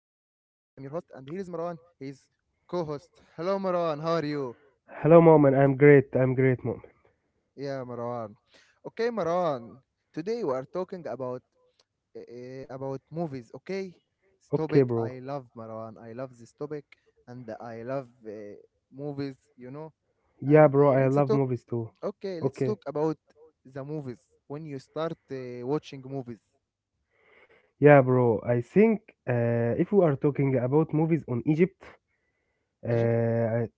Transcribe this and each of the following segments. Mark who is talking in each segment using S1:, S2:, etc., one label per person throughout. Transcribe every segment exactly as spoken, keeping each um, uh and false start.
S1: your host, and here is Marwan. He is co host. Hello, Marwan, how are you?
S2: Hello, mom, and I'm great. I'm great, mom.
S1: Yeah, Marwan. Okay, Marwan, today we are talking about uh, about movies, okay? This
S2: Okay,
S1: topic
S2: bro.
S1: I love, Marwan. I love this topic, and I love uh, movies, you know.
S2: Yeah,
S1: And
S2: bro,
S1: uh,
S2: I
S1: let's
S2: love
S1: talk,
S2: movies too.
S1: okay, let's talk
S2: Okay.
S1: about the movies when you start uh, watching movies.
S2: Yeah, bro, I think uh, if we are talking about movies on Egypt,
S1: Egypt,
S2: uh,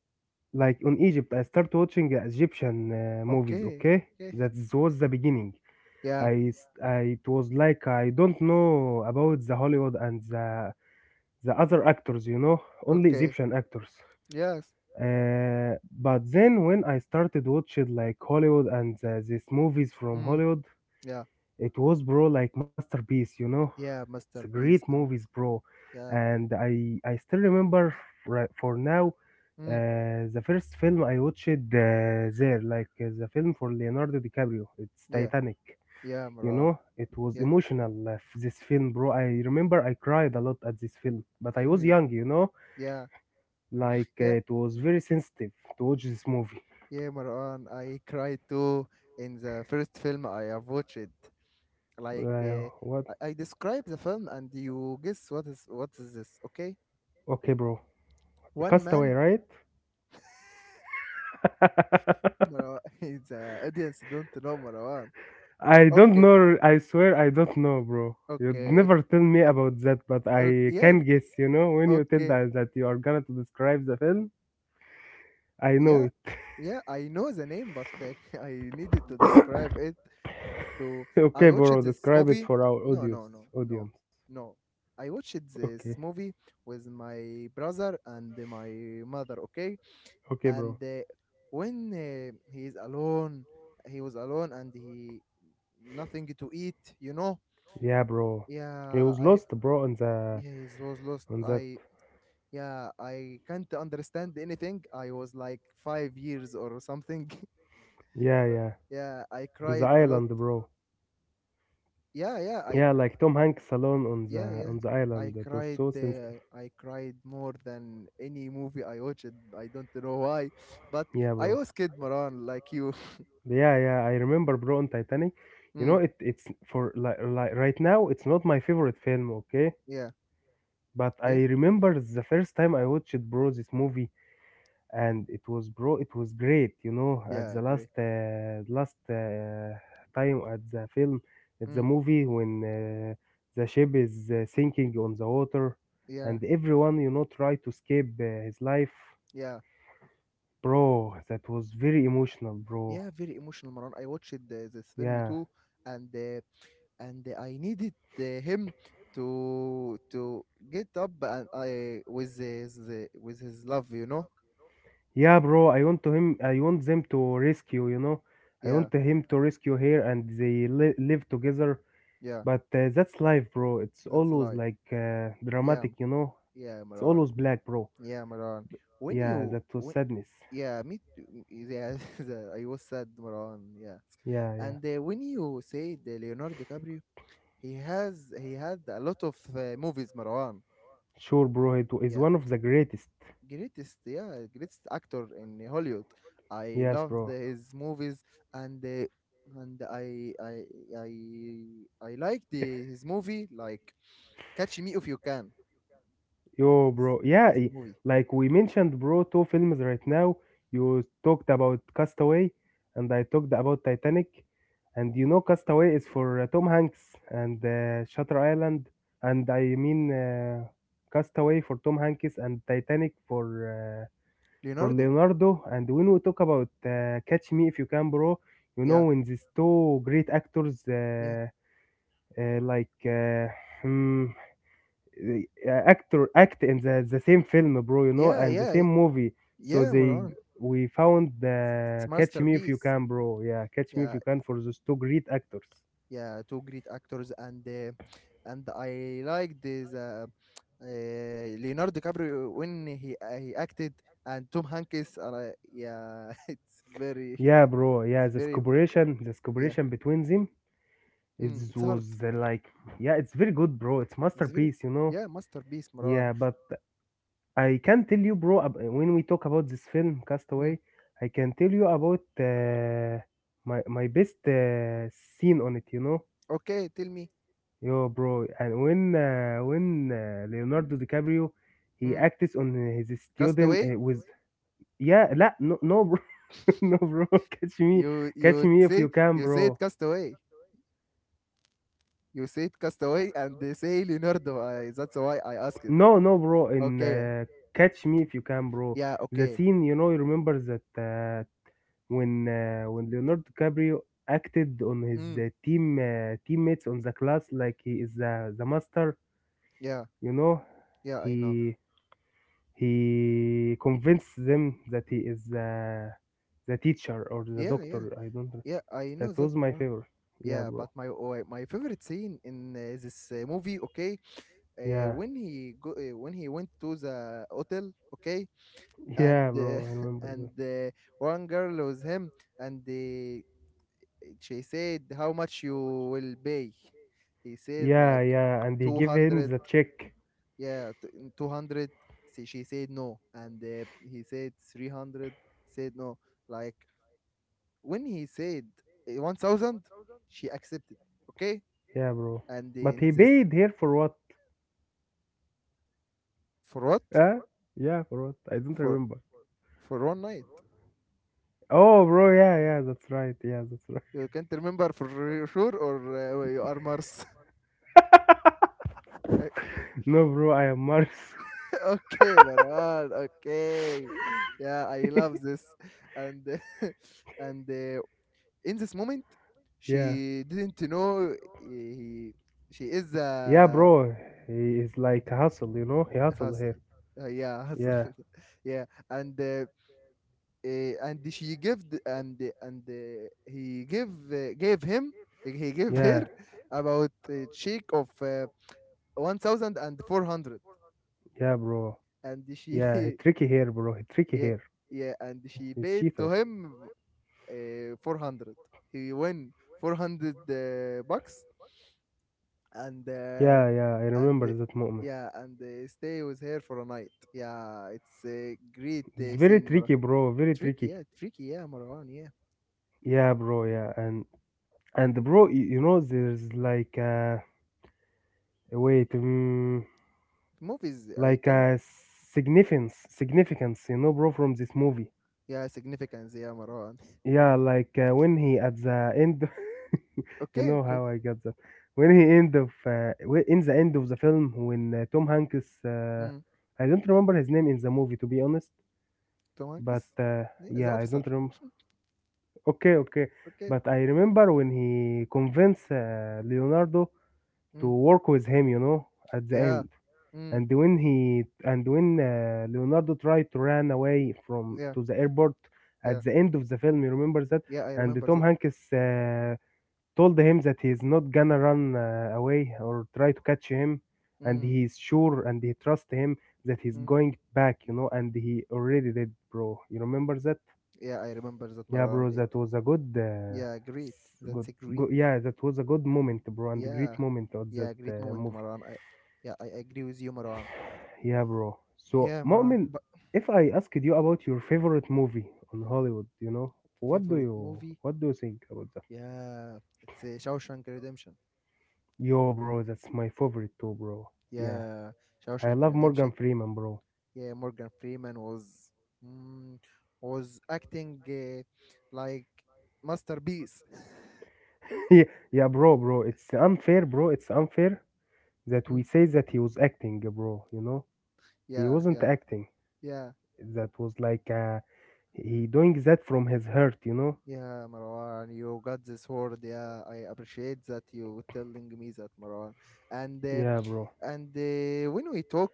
S2: like on Egypt, I start watching Egyptian uh, movies,
S1: okay,
S2: okay?
S1: okay.
S2: That was the beginning.
S1: Yeah.
S2: I, s- I- it was like I don't know about the Hollywood and the, the other actors, you know, only
S1: Okay.
S2: Egyptian actors.
S1: Yes.
S2: Uh, but then when I started watching like Hollywood and uh, these movies from
S1: Mm.
S2: Hollywood,
S1: Yeah.
S2: it was bro like masterpiece, you know.
S1: Yeah.
S2: It's a
S1: mister
S2: great
S1: Beast.
S2: movies,
S1: Um.
S2: bro.
S1: Yeah.
S2: And I I still remember right for now
S1: Mm.
S2: uh, the first film I watched uh, there, like uh, the film for Leonardo DiCaprio. It's
S1: Yeah.
S2: Titanic.
S1: Yeah.
S2: You
S1: Maran.
S2: know, it was
S1: Yeah.
S2: emotional. Uh, f- this film, bro. I remember I cried a lot at this film, but I was
S1: Yeah.
S2: young, you know.
S1: Yeah.
S2: Like uh,
S1: Yep.
S2: it was very sensitive to watch this movie.
S1: Yeah. Maran. I cried too in the first film I have watched. Like,
S2: Uh,
S1: uh,
S2: what?
S1: I, I describe the film, and you guess what is what is this? Okay.
S2: Okay, bro.
S1: One
S2: Castaway,
S1: man.
S2: right?
S1: Maran. The audience don't know Maran.
S2: I don't
S1: Okay.
S2: know. I swear I don't know, bro. You'd
S1: Okay.
S2: never tell me about that, but
S1: Okay.
S2: I can
S1: Yes.
S2: guess, you know, when you tell
S1: Okay.
S2: that, that you are gonna to describe the film, I know
S1: Yeah.
S2: it.
S1: Yeah, I know the name, but like I needed to describe it. To I
S2: Okay, bro,
S1: watched this
S2: describe it
S1: movie.
S2: for our
S1: No,
S2: audience.
S1: no, no, no,
S2: Audience.
S1: no. I watched
S2: Okay.
S1: this movie with my brother and my mother. Okay,
S2: Okay,
S1: and
S2: bro.
S1: uh, when uh, he is alone, he was alone and he nothing to eat. You know.
S2: Yeah, bro. He was
S1: Yeah,
S2: lost,
S1: I
S2: bro, on the
S1: yeah, he was lost.
S2: on that.
S1: I Yeah, I can't understand anything. I was like five years or something.
S2: Yeah,
S1: Uh,
S2: yeah.
S1: yeah, I
S2: On the
S1: cried a lot.
S2: island, bro.
S1: Yeah, yeah, I
S2: Yeah, like Tom Hanks alone on the
S1: Yeah, yeah.
S2: on the island.
S1: I
S2: That was
S1: cried.
S2: so sensitive.
S1: Uh, I cried more than any movie I watched. I don't know why, but
S2: Yeah,
S1: I
S2: bro.
S1: was kid Maran like you.
S2: Yeah, yeah, I remember, bro, on Titanic. You
S1: Mm,
S2: know, it it's for like, like right now, it's not my favorite film, okay?
S1: yeah,
S2: But I
S1: yeah,
S2: remember the first time I watched, bro, this movie, and it was, bro, it was great. You know, at
S1: yeah.
S2: the
S1: Great.
S2: last uh, last uh, time at the film, at the
S1: Mm,
S2: movie when uh, the ship is uh, sinking on the water,
S1: yeah,
S2: and everyone, you know, try to escape uh, his life,
S1: yeah,
S2: bro. That was very emotional, bro.
S1: yeah. Very emotional, Maran. I watched uh, this film
S2: Yeah.
S1: too, and uh, and uh, I needed uh, him to to get up and I with his uh, with his love. You know.
S2: Yeah, bro. I want to him. I want them to rescue. You know, I
S1: Yeah,
S2: want him to rescue her, and they li- live together.
S1: yeah.
S2: But uh, that's life, bro. It's
S1: That's
S2: always
S1: life.
S2: like uh,
S1: Yeah,
S2: dramatic. You know,
S1: yeah,
S2: it's
S1: Maran.
S2: always black, bro.
S1: Yeah, Maran, when
S2: Yeah,
S1: you
S2: that was
S1: when,
S2: sadness.
S1: yeah, me too. Yeah, the- I was sad, Moran. Yeah,
S2: Yeah, yeah.
S1: and uh, when you say the Leonardo DiCaprio, he has he had a lot of uh, movies, Marwan.
S2: Sure, bro. It is
S1: Yeah,
S2: one of the greatest.
S1: greatest, yeah, greatest actor in Hollywood. I
S2: Yes,
S1: loved
S2: bro.
S1: his movies, and uh, and I I I I like the his movie like Catch Me If You Can.
S2: Yo,
S1: This
S2: bro. Yeah,
S1: this
S2: i-
S1: movie,
S2: like we mentioned, bro, two films right now. You talked about Castaway, and I talked about Titanic. And you know, Castaway is for uh, Tom Hanks and uh, Shutter Island, and I mean uh, Castaway for Tom Hanks and Titanic for uh, for
S1: Leonardo.
S2: Leonardo. And when we talk about uh, Catch Me If You Can, bro, you
S1: Yeah,
S2: know when these two great actors,
S1: yeah,
S2: uh, uh, like. Uh, hmm, the uh, actor act in the, the same film, bro, you know,
S1: yeah,
S2: and the
S1: yeah,
S2: same movie, so
S1: yeah,
S2: they
S1: Marwan.
S2: we found
S1: It's
S2: the Catch Me If You
S1: masterpiece.
S2: Can, bro. Yeah, Catch Me If
S1: Yeah,
S2: You Can for those two great actors.
S1: yeah, two great actors and uh, and I liked this uh, uh, Leonardo DiCaprio when he uh, he acted and Tom Hanks and I, yeah. it's very
S2: Yeah, bro.
S1: it's
S2: Yeah, this
S1: very
S2: collaboration, this
S1: Yeah.
S2: collaboration between them, it
S1: Mm, it's hard.
S2: was uh, like, yeah, it's very good, bro. It's
S1: It's very.
S2: masterpiece, you know.
S1: Yeah, masterpiece Marwan.
S2: Yeah, but I can tell you, bro, ab- when we talk about this film
S1: mm.
S2: Castaway, I can tell you about uh, my my best uh, scene on it, you know.
S1: Okay, tell me.
S2: Yo, bro, and when uh, when uh, Leonardo DiCaprio he
S1: Mm.
S2: acts on his student
S1: Castaway.
S2: uh, with yeah, la, no, no, bro, no, bro, catch me,
S1: you
S2: catch
S1: you
S2: me if you
S1: said,
S2: can,
S1: you said
S2: bro.
S1: Castaway. You said Castaway and they say Leonardo, I, that's why I asked.
S2: No, no, bro, in
S1: Okay.
S2: uh, Catch Me If You Can, bro.
S1: Yeah,
S2: The
S1: okay.
S2: scene, you know, you remember that uh, when uh, when Leonardo DiCaprio acted on his
S1: Mm,
S2: uh, team uh, teammates on the class like he is uh, the master,
S1: yeah,
S2: you know,
S1: yeah, I know.
S2: he he convinced them that he is the, the teacher or the
S1: Yeah, yeah.
S2: doctor. I don't.
S1: Yeah, I know
S2: That
S1: that,
S2: was my
S1: Maran.
S2: favorite. Yeah,
S1: Yeah, but
S2: bro.
S1: my oh, my favorite scene in uh, this uh, movie, okay, uh,
S2: Yeah,
S1: when he go uh, when he went to the hotel, okay, and
S2: yeah,
S1: uh,
S2: bro. I remember
S1: and
S2: that.
S1: uh, one girl was him, and uh, she said, "How much you will pay?" He said
S2: Yeah,
S1: like
S2: yeah. And he
S1: two
S2: gave him
S1: hundred.
S2: the check.
S1: Yeah, two hundred. She said no, and uh, he said three hundred. Said no. Like when he said eh, one thousand, she accepted. Okay,
S2: Yeah, bro.
S1: and
S2: But
S1: in
S2: he
S1: this
S2: paid here for what?
S1: for what,
S2: Huh? Yeah, for what? I don't
S1: for
S2: remember.
S1: for one night.
S2: Oh, bro. Yeah, yeah. That's right. Yeah, that's right.
S1: You can't remember for sure, or uh, you are Mars?
S2: No, bro. I am Mars.
S1: Okay, Maran, okay. Yeah, I love this. And and uh, in this moment
S2: Yeah.
S1: she didn't know eh, he, she is
S2: Yeah,
S1: a
S2: bro. He is like hustle, you know? He hustle
S1: hustle.
S2: here.
S1: Uh, yeah, hustle.
S2: Yeah.
S1: Yeah, and uh, uh, and she gave the- and the- and uh, he gave uh, gave him he gave her
S2: Yeah.
S1: about a check of uh, one thousand four hundred and four hundred,
S2: Yeah, bro.
S1: and she.
S2: Yeah, he tricky here, bro. He tricky
S1: Yeah,
S2: here.
S1: yeah, and she
S2: He's
S1: paid to
S2: cheater.
S1: him uh, four hundred. He won four hundred uh, bucks, and uh,
S2: Yeah, yeah, I
S1: and
S2: remember
S1: uh,
S2: that moment.
S1: yeah, and uh, stay with her for a night. Yeah, it's a great
S2: It's
S1: uh,
S2: very
S1: scene, Mara-.
S2: tricky, bro. Very
S1: Tricky,
S2: tricky.
S1: yeah, tricky, yeah, Marwan, yeah.
S2: Yeah, bro. Yeah, and and bro, y- you know, there's like uh, wait, mm,
S1: movies I
S2: like
S1: can't
S2: uh, significance, significance, you know, bro, from this movie.
S1: Yeah, significance. Yeah, Marwan. Yeah.
S2: Yeah, like uh, when he at the end, you
S1: Okay,
S2: know
S1: good.
S2: how I got that. When he end of uh, when- in the end of the film, when uh, Tom Hanks, uh,
S1: Mm.
S2: I don't remember his name in the movie, to be honest.
S1: Tom
S2: But
S1: Hanks.
S2: uh,
S1: Yeah, the
S2: yeah, I
S1: officer.
S2: don't remember. Okay, okay.
S1: Okay.
S2: But I remember when he convinced uh, Leonardo to
S1: Mm.
S2: work with him, you know, at the
S1: Yeah.
S2: end.
S1: Mm.
S2: And when he and when uh, Leonardo tried to run away from
S1: Yeah.
S2: to the airport
S1: Yeah.
S2: at the end of the film, you remember that?
S1: Yeah, I
S2: And
S1: remember
S2: Tom
S1: that.
S2: Hanks uh, told him that he's not gonna run uh, away or try to catch him, and
S1: Mm.
S2: he's sure and he trusts him that he's
S1: Mm.
S2: going back, you know, and he already did, bro. You remember that?
S1: Yeah, I remember that,
S2: Yeah,
S1: Marwan.
S2: bro,
S1: It.
S2: that was a good, uh,
S1: Yeah, great.
S2: s-
S1: That's
S2: good,
S1: a great.
S2: good, yeah, that was a good moment, bro, and great
S1: Yeah.
S2: moment of that
S1: Yeah, great
S2: uh,
S1: moment,
S2: movie.
S1: Marwan. I, yeah, I agree with you, Marwan.
S2: Yeah, bro. So,
S1: Yeah, Marwan.
S2: Mu'min,
S1: But
S2: if I asked you about your favorite movie on Hollywood, you know, what do
S1: favorite
S2: you,
S1: movie?
S2: what do you think about that?
S1: Yeah, it's a Shawshank Redemption.
S2: Yo, bro, that's my favorite too, bro. Yeah,
S1: Yeah,
S2: I
S1: Shawshank
S2: love Morgan
S1: Redemption.
S2: Freeman, bro.
S1: Yeah, Morgan Freeman was. mm, was acting uh, like masterpiece.
S2: Yeah, yeah, bro, bro. It's unfair, bro. It's unfair that we
S1: Mm,
S2: say that he was acting, bro. You know, he
S1: yeah,
S2: wasn't
S1: yeah,
S2: acting.
S1: yeah,
S2: That was like uh, he doing that from his heart, you know?
S1: yeah, Marwan. You got this word. Yeah, I appreciate that you telling me that, Marwan. And uh,
S2: Yeah, bro.
S1: and uh, when we talk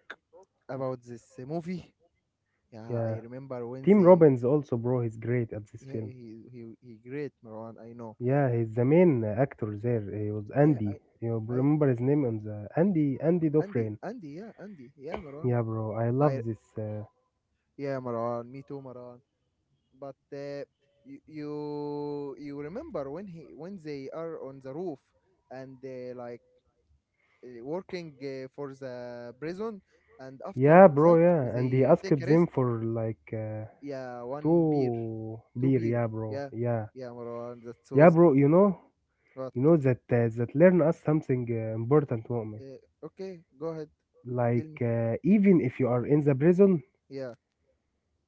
S1: about this uh, movie, yeah, I
S2: Yeah.
S1: remember when
S2: Tim
S1: they.
S2: Robbins also, bro, he's great at this
S1: Yeah,
S2: film.
S1: he he he great Marwan. I know.
S2: Yeah, he's the main actor there. He was
S1: Yeah, I
S2: Andy. You
S1: I
S2: remember his name on the Andy Andy
S1: Andy,
S2: Dufresne.
S1: Andy yeah, Andy, yeah, Marwan.
S2: Yeah, bro. I
S1: I
S2: love this. Uh,
S1: Yeah, Marwan. Me too, Marwan. But uh, you, you you remember when he when they are on the roof and uh, like uh, working uh, for the prison, and
S2: yeah,
S1: after
S2: bro.
S1: that
S2: Yeah, and he
S1: they
S2: asked
S1: take a
S2: them
S1: rest.
S2: for like uh,
S1: Yeah, one beer.
S2: two
S1: Two
S2: beer.
S1: beer.
S2: Yeah, bro.
S1: Yeah,
S2: Yeah,
S1: yeah, Marwan, that
S2: yeah,
S1: was.
S2: bro. You know,
S1: But
S2: you know that uh, that learn us something uh, important, moment.
S1: uh, okay, go ahead. T- tell
S2: Like
S1: me.
S2: uh, even if you are in the prison,
S1: Yeah.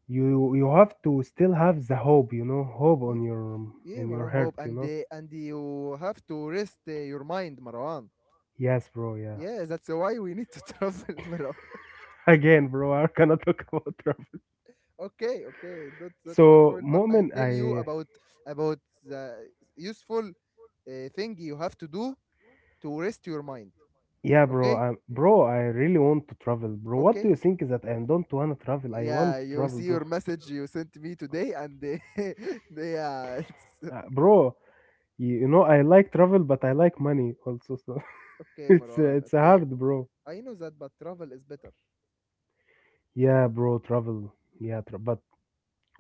S2: you you have to still have the hope, you know, hope on
S1: Yeah,
S2: your
S1: yeah,
S2: in your
S1: Marwan,
S2: heart,
S1: hope,
S2: you
S1: and
S2: know.
S1: uh, and you have to rest uh, your mind, Marwan.
S2: Yes, bro. Yeah.
S1: Yeah, that's why we need to travel. Marwan.
S2: Again, bro, I cannot talk about travel
S1: Okay, okay, don't talk about
S2: so
S1: travel, but I
S2: moment
S1: tell you
S2: I
S1: about about the useful uh, thing you have to do to rest your mind.
S2: yeah, bro,
S1: Okay,
S2: I bro, I really want to travel, bro. What do
S1: okay.
S2: you think is that? I don't want to travel. I want
S1: Yeah,
S2: to
S1: you
S2: travel,
S1: see
S2: bro.
S1: your message you sent me today, and uh, yeah, it's
S2: Uh, bro, you, you know, I like travel but I like money also, so
S1: okay,
S2: it's uh,
S1: Maran.
S2: it's
S1: Okay,
S2: hard, bro.
S1: I know that, but travel is better.
S2: Yeah, bro, travel. Yeah, tra- but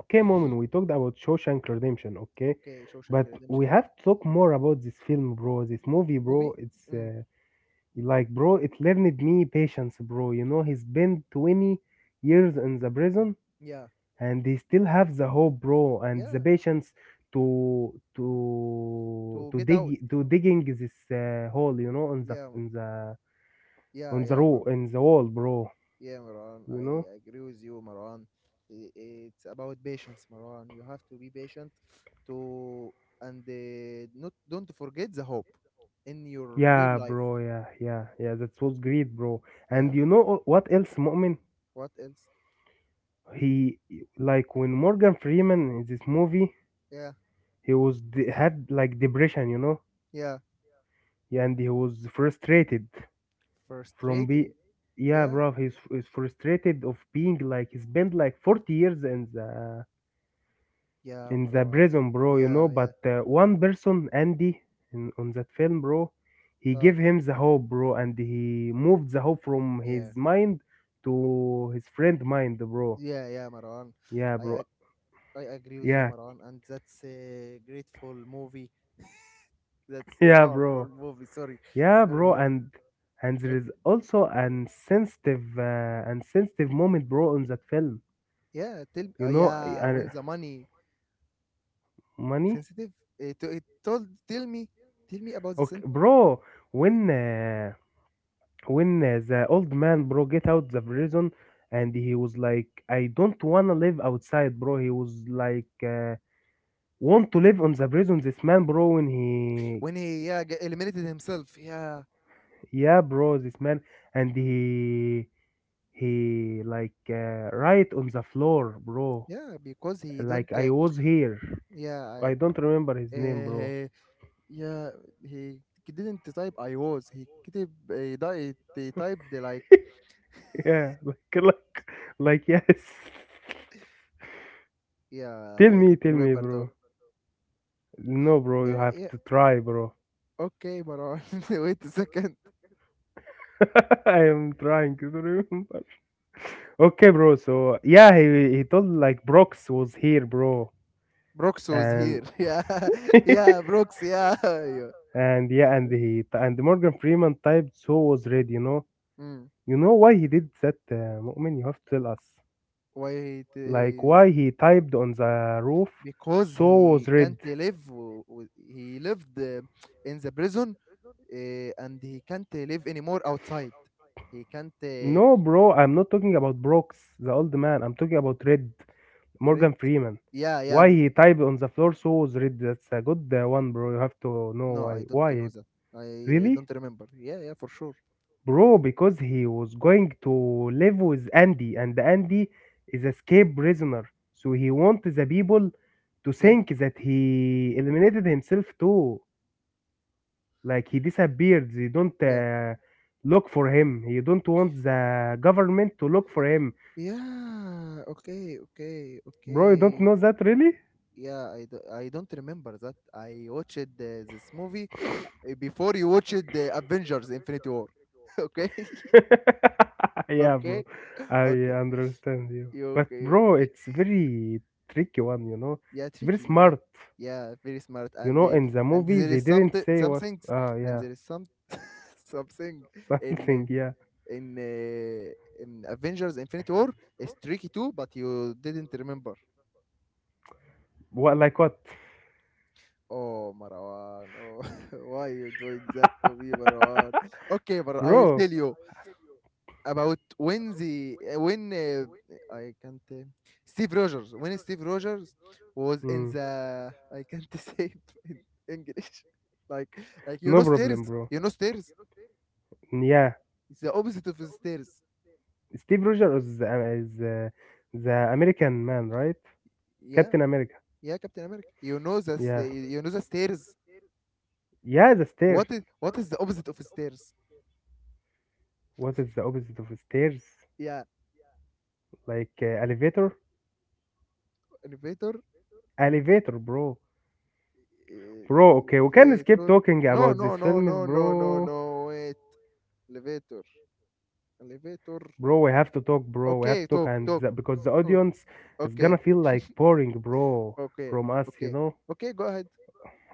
S2: okay, Moment, we talked about Shawshank Redemption, okay?
S1: Okay, Shawshank
S2: But we
S1: Redemption
S2: have to talk more about this film, bro. This movie,
S1: movie.
S2: bro. It's
S1: Mm,
S2: uh, like, bro, it learned me patience, bro. You know, he's been twenty years in the prison
S1: yeah,
S2: and he still have the hope, bro, and the
S1: yeah.
S2: patience to to
S1: To
S2: to
S1: get out.
S2: dig to digging this uh, hole, you know, on the
S1: Yeah,
S2: in the
S1: yeah,
S2: on the
S1: yeah,
S2: row
S1: Maran.
S2: in the wall, bro.
S1: Yeah, Maran,
S2: You
S1: I
S2: know?
S1: agree with you, Maran. I- It's about patience, Maran. You have to be patient to, and uh, not, don't forget the hope in your real
S2: Yeah,
S1: life.
S2: bro. Yeah, yeah, yeah. That was great, bro.
S1: Yeah.
S2: And you know uh, what else, Mu'min?
S1: What else?
S2: He Like when Morgan Freeman in this movie,
S1: Yeah.
S2: he was de- had like depression, you know.
S1: Yeah.
S2: Yeah, and he was frustrated from be
S1: Frustrating.
S2: yeah,
S1: Yeah.
S2: bro, he's, he's frustrated of being like he spent like forty years in the
S1: Yeah,
S2: in the
S1: Maran.
S2: prison, bro, you know.
S1: Yeah. Yeah.
S2: But uh, one person, Andy, in, on that film, bro, he
S1: Ah.
S2: gave him the hope, bro, and he moved the hope from his
S1: Yeah.
S2: mind to his friend mind, bro.
S1: Yeah. Yeah, Maran.
S2: Yeah,
S1: I
S2: bro.
S1: ag- I agree with you,
S2: Yeah.
S1: Maran. And that's a grateful movie. That's a
S2: Yeah,
S1: powerful
S2: bro.
S1: movie. Sorry.
S2: Yeah,
S1: Sorry,
S2: bro,
S1: Marwan.
S2: and and there is
S1: Okay.
S2: also an sensitive uh, and sensitive moment, bro, on that film.
S1: Yeah, tell me. Uh,
S2: You know, I-
S1: yeah, when
S2: and
S1: the money
S2: money.
S1: sensitive, it, to- it told, tell me, tell me about the
S2: Okay,
S1: sin
S2: bro, when uh, when uh, the old man, bro, get out the prison, and he was like, I don't wanna live outside, bro. He was like, uh, want to live on the prison. This man, bro, when he,
S1: when he. Yeah, g- eliminated himself. Yeah,
S2: yeah, bro, this man, and he he like uh, right on the floor, bro,
S1: yeah, because he don't
S2: like I
S1: uh,
S2: was here.
S1: yeah. I,
S2: I don't remember his name, bro.
S1: uh, yeah, he k- didn't type I was, he كتب he, di- he typed like.
S2: Yeah, like like like yes.
S1: Yeah,
S2: Tell
S1: I
S2: me,
S1: don't
S2: tell me,
S1: remember though.
S2: bro. No, bro, you
S1: Yeah,
S2: have
S1: yeah.
S2: to try, bro.
S1: Okay, Maran. Wait a second.
S2: I am trying to remember. Okay, bro. So yeah, he he told like Brox was here, bro,
S1: Brooks was
S2: and
S1: here. Yeah, yeah, Brooks. Yeah. Yeah.
S2: and yeah, and he and Morgan Freeman typed so was Red. You know,
S1: Mm.
S2: you know why he did that, uh, Mu'min? You have to tell us,
S1: Why
S2: like
S1: he,
S2: why he typed on the roof.
S1: because
S2: So was
S1: he
S2: Red.
S1: can't live w- w- he lived uh, in the prison, uh, and he can't live anymore outside. He can't uh,
S2: No, bro, I'm not talking about Brooks, the old man. I'm talking about Red,
S1: read.
S2: Morgan Freeman.
S1: Yeah, yeah,
S2: Why
S1: m-.
S2: he typed on the floor so was Red. That's a good uh, one, bro. You have to know
S1: No,
S2: why.
S1: I don't
S2: Why?
S1: know
S2: it-
S1: that. I uh,
S2: Really?
S1: Don't remember. Yeah, yeah, for sure.
S2: Bro, because he was going to live with Andy, and Andy is a escape prisoner. So he wants the people to
S1: Yeah,
S2: think that he eliminated himself too. Like he disappeared. They don't
S1: yeah,
S2: uh, look for him. You don't want the government to look for him.
S1: yeah. Okay, okay,
S2: Bro, you don't
S1: okay.
S2: know that really?
S1: Yeah, i, do, I don't remember that I watched uh, this movie uh, before you watched the Avengers Infinity War. Okay.
S2: Yeah,
S1: Okay,
S2: bro. I
S1: okay.
S2: understand you.
S1: You
S2: But
S1: okay.
S2: bro, it's very tricky one, you know.
S1: Yeah,
S2: It's very
S1: tricky, yeah.
S2: smart.
S1: Yeah, very smart,
S2: You
S1: and
S2: know,
S1: they,
S2: in the
S1: and
S2: movie
S1: there
S2: they
S1: is
S2: didn't
S1: something, th-
S2: say
S1: some
S2: what
S1: things,
S2: ah
S1: and
S2: yeah.
S1: there is some something in
S2: Something,
S1: uh,
S2: yeah.
S1: in uh, in Avengers Infinity War is tricky too, but you didn't remember.
S2: What like what?
S1: Oh Marwan, oh, why you doing that to me, Marwan? Okay, Marwan, I'll
S2: Bro.
S1: tell you about when the eh, when uh, I can't uh, Steve Rogers, when Steve Rogers was in
S2: Mm,
S1: the, I can't say in English like like you
S2: no
S1: know,
S2: problem,
S1: stairs,
S2: bro.
S1: you know, stairs.
S2: Yeah.
S1: It's the opposite of the stairs.
S2: Steve Rogers is, uh, is uh, the American man, right?
S1: Yeah.
S2: Captain America.
S1: Yeah, Captain America. You know the
S2: Yeah.
S1: sta-, you know the stairs.
S2: Yeah, the stairs.
S1: What is, what is the opposite of stairs?
S2: What is the opposite of stairs?
S1: Yeah.
S2: Like uh, elevator.
S1: Elevator.
S2: Elevator, bro. Bro, okay, we can skip
S1: Elevator.
S2: talking
S1: No,
S2: about
S1: no,
S2: these
S1: no, no,
S2: films,
S1: no, no,
S2: bro.
S1: no, wait. Elevator. Elevator.
S2: Bro, we have to talk, bro. We have to
S1: Okay,
S2: talk
S1: talk,
S2: and
S1: talk.
S2: the, because the audience is gonna
S1: Okay,
S2: feel like boring, bro,
S1: okay,
S2: from us, you
S1: okay,
S2: know.
S1: okay, go ahead.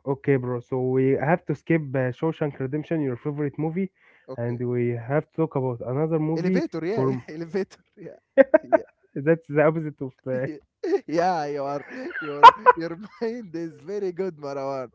S2: Okay, bro, so we have to skip uh, Shawshank Redemption, your favorite movie, and
S1: Okay.
S2: we have to talk about another movie
S1: Elevator, yeah, yeah.
S2: for
S1: Elevator, yeah. Yeah,
S2: that's the opposite of uh,
S1: yeah, yeah, you are, your your mind is very good, Marwan.